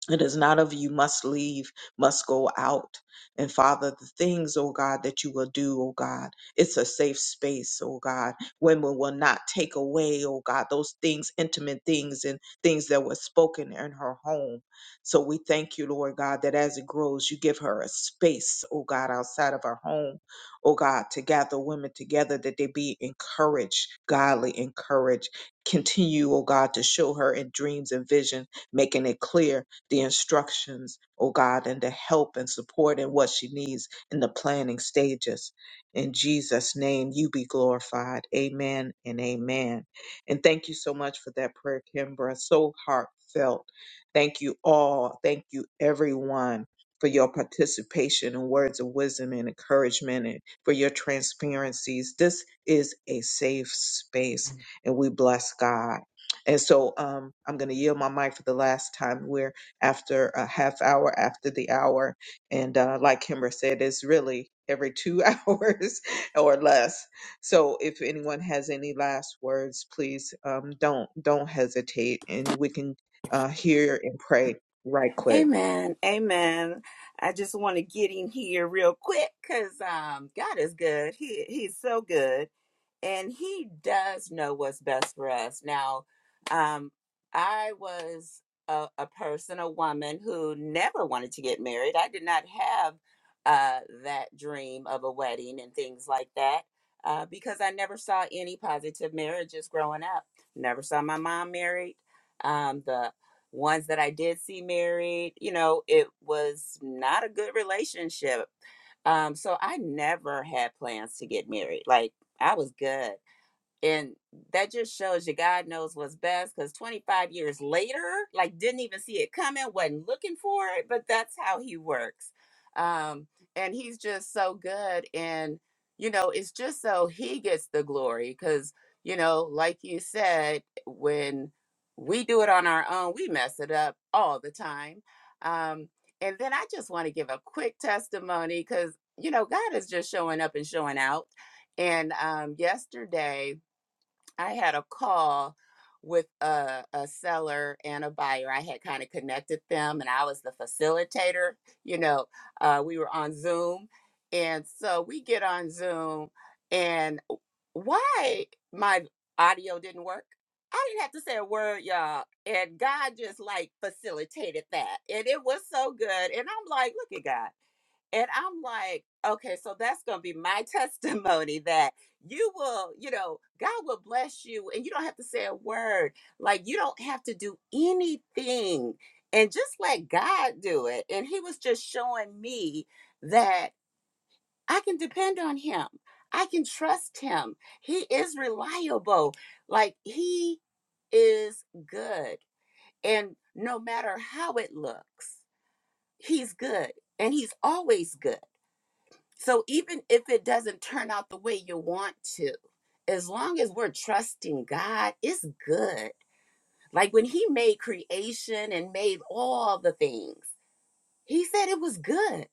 [SPEAKER 1] It is not of you must leave, must go out. And Father, the things, oh God, that you will do, oh God, it's a safe space, oh God. Women will not take away, oh God, those things, intimate things and things that were spoken in her home. So we thank you, Lord God, that as it grows, you give her a space, oh God, outside of her home, oh God, to gather women together that they be encouraged, godly encouraged. Continue, oh God, to show her in dreams and vision, making it clear the instructions, oh God, and the help and support and what she needs in the planning stages. In Jesus' name, you be glorified. Amen and amen. And thank you so much for that prayer, Kimbra. So heartfelt. Thank you all. Thank you, everyone. For your participation and words of wisdom and encouragement, and for your transparencies. This is a safe space, and we bless God. And so um, I'm going to yield my mic for the last time after a half hour after the hour. And uh, like Kimber said, it's really every two hours or less. So if anyone has any last words, please um, don't don't hesitate, and we can uh, hear and pray right quick.
[SPEAKER 7] Amen. Amen. I just want to get in here real quick because um, God is good. He He's so good and he does know what's best for us. Now, um, I was a, a person, a woman who never wanted to get married. I did not have uh, that dream of a wedding and things like that uh, because I never saw any positive marriages growing up. Never saw my mom married. Um, the ones that I did see married, you know, it was not a good relationship. Um, so I never had plans to get married. Like, I was good and that just shows you God knows what's best because 25 years later, like didn't even see it coming, wasn't looking for it, but that's how he works. Um, and he's just so good. And, you know, it's just so he gets the glory because, you know, like you said, when we do it on our own, we mess it up all the time. Um, and then I just want to give a quick testimony because, you know, God is just showing up and showing out. And um, yesterday, I had a call with a, a seller and a buyer. I had kind of connected them, and I was the facilitator. You know, uh, we were on Zoom. And so we get on Zoom, and why my audio didn't work? I didn't have to say a word, y'all. And God just like facilitated that. And it was so good. And I'm like, look at God. And I'm like, okay, so that's going to be my testimony that you will, you know, God will bless you and you don't have to say a word. Like, you don't have to do anything and just let God do it. And He was just showing me that I can depend on Him, I can trust Him. He is reliable. Like, He is good. And no matter how it looks, He's good and He's always good. So even if it doesn't turn out the way you want to, as long as we're trusting God, it's good. Like when he made creation and made all the things, he said it was good.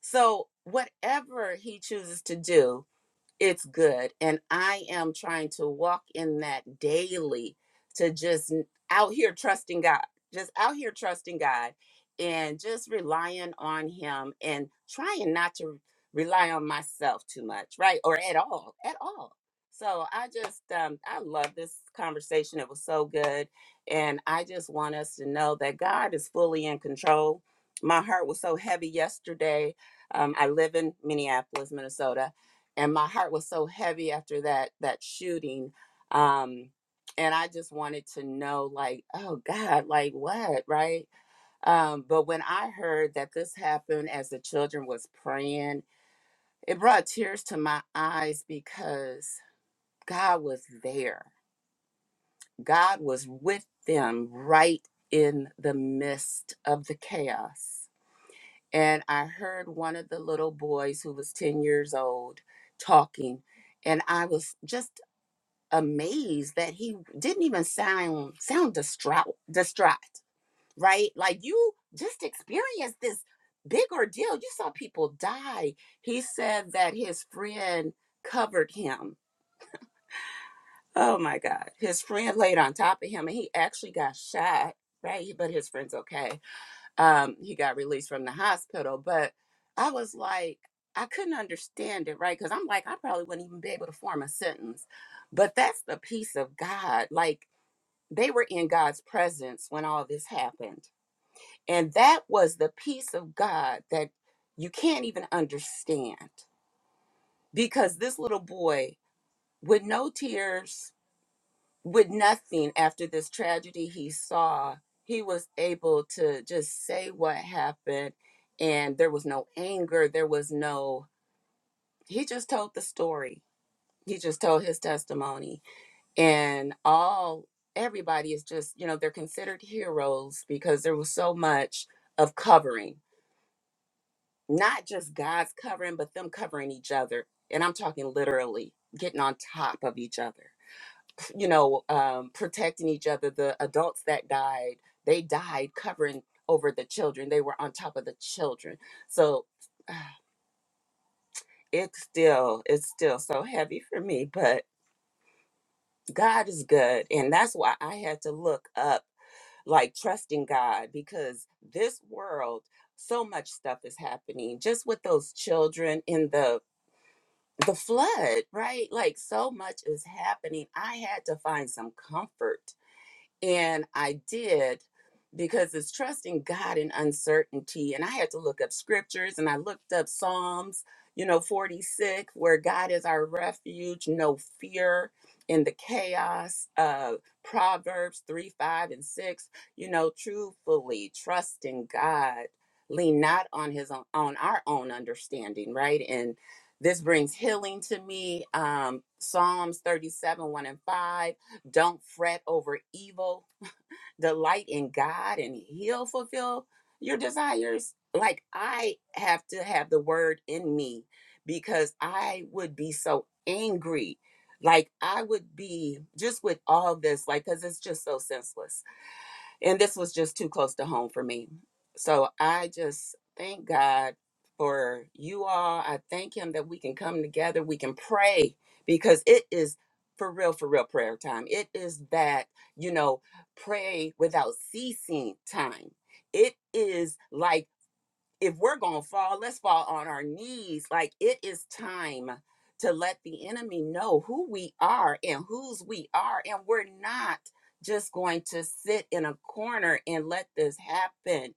[SPEAKER 7] So whatever he chooses to do, it's good and i am trying to walk in that daily to just n- out here trusting god just out here trusting god and just relying on him and trying not to rely on myself too much right or at all at all so i just um i love this conversation it was so good and i just want us to know that god is fully in control my heart was so heavy yesterday um, i live in minneapolis minnesota and my heart was so heavy after that that shooting um and i just wanted to know like oh god like what right um but when i heard that this happened as the children was praying it brought tears to my eyes because god was there god was with them right in the midst of the chaos and i heard one of the little boys who was 10 years old talking and I was just amazed that he didn't even sound sound distraught distraught right like you just experienced this big ordeal you saw people die he said that his friend covered him oh my god his friend laid on top of him and he actually got shot right but his friend's okay um he got released from the hospital but i was like i couldn't understand it right because i'm like i probably wouldn't even be able to form a sentence but that's the peace of god like they were in God's presence when all this happened. And that was the peace of God that you can't even understand because this little boy, with no tears, with nothing after this tragedy he saw, he was able to just say what happened. And there was no anger, there was no, he just told the story. He just told his testimony and all everybody is just you know they're considered heroes because there was so much of covering not just god's covering but them covering each other and i'm talking literally getting on top of each other you know um, protecting each other the adults that died they died covering over the children they were on top of the children so it's still it's still so heavy for me but god is good and that's why i had to look up like trusting God because this world, so much stuff is happening just with those children in the the flood, right? Like so much is happening. I had to find some comfort and I did because it's trusting God in uncertainty. And I had to look up scriptures and I looked up Psalms, you know, 46, where God is our refuge, no fear in the chaos. Uh, Proverbs 3, 5, and 6, you know, truthfully trusting God, lean not on his own, on our own understanding, right? And this brings healing to me. Um, Psalms 37, 1 and 5 don't fret over evil. Delight in God and He'll fulfill your desires. Like I have to have the word in me because I would be so angry. Like I would be just with all this, like, because it's just so senseless and this was just too close to home for me. So I just thank God for you all. I thank Him that we can come together, we can pray because it is for real, for real prayer time. It is that, you know, pray without ceasing time. It is like if we're going to fall, let's fall on our knees. Like it is time to let the enemy know who we are and whose we are. And we're not just going to sit in a corner and let this happen.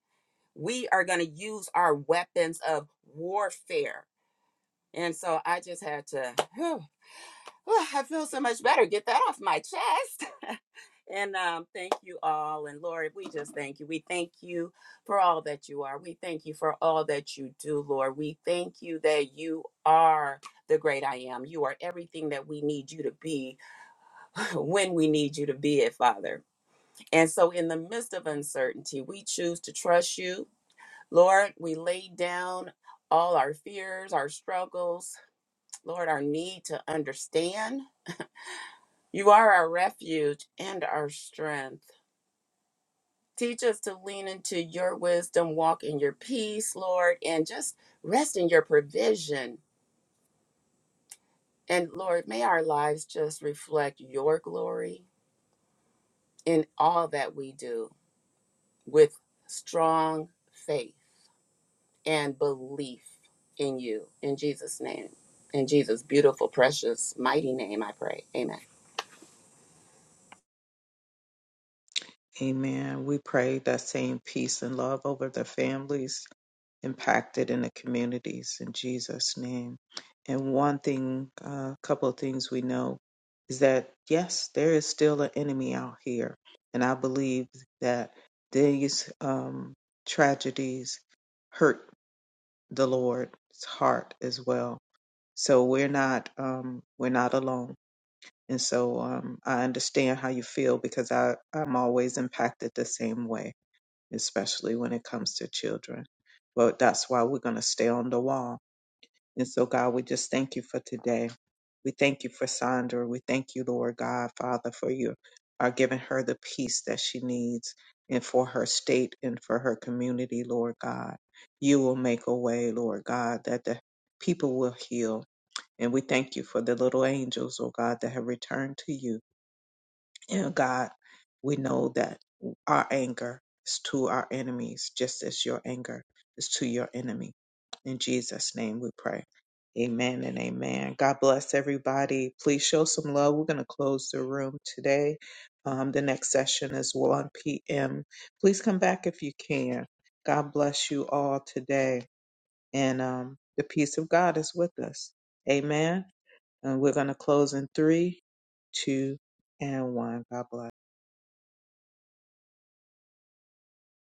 [SPEAKER 7] We are going to use our weapons of warfare. And so I just had to, whew, whew, I feel so much better. Get that off my chest. And um, thank you all. And Lord, we just thank you. We thank you for all that you are. We thank you for all that you do, Lord. We thank you that you are the great I am. You are everything that we need you to be when we need you to be it, Father. And so, in the midst of uncertainty, we choose to trust you. Lord, we lay down all our fears, our struggles, Lord, our need to understand. You are our refuge and our strength. Teach us to lean into your wisdom, walk in your peace, Lord, and just rest in your provision. And Lord, may our lives just reflect your glory in all that we do with strong faith and belief in you. In Jesus' name. In Jesus' beautiful, precious, mighty name, I pray. Amen.
[SPEAKER 1] Amen. We pray that same peace and love over the families impacted in the communities in Jesus' name. And one thing, a couple of things we know is that yes, there is still an enemy out here, and I believe that these um, tragedies hurt the Lord's heart as well. So we're not um, we're not alone, and so um, I understand how you feel because I I'm always impacted the same way especially when it comes to children. But that's why we're going to stay on the wall. And so, God, we just thank you for today. We thank you for Sandra. We thank you, Lord God, Father, for you are giving her the peace that she needs and for her state and for her community, Lord God. You will make a way, Lord God, that the people will heal. And we thank you for the little angels, oh God, that have returned to you and God, we know that our anger is to our enemies, just as your anger is to your enemy. In Jesus' name we pray. Amen and amen. God bless everybody. Please show some love. We're going to close the room today. Um, the next session is 1 p.m. Please come back if you can. God bless you all today. And um, the peace of God is with us. Amen. And we're going to close in three, two, and one. God bless.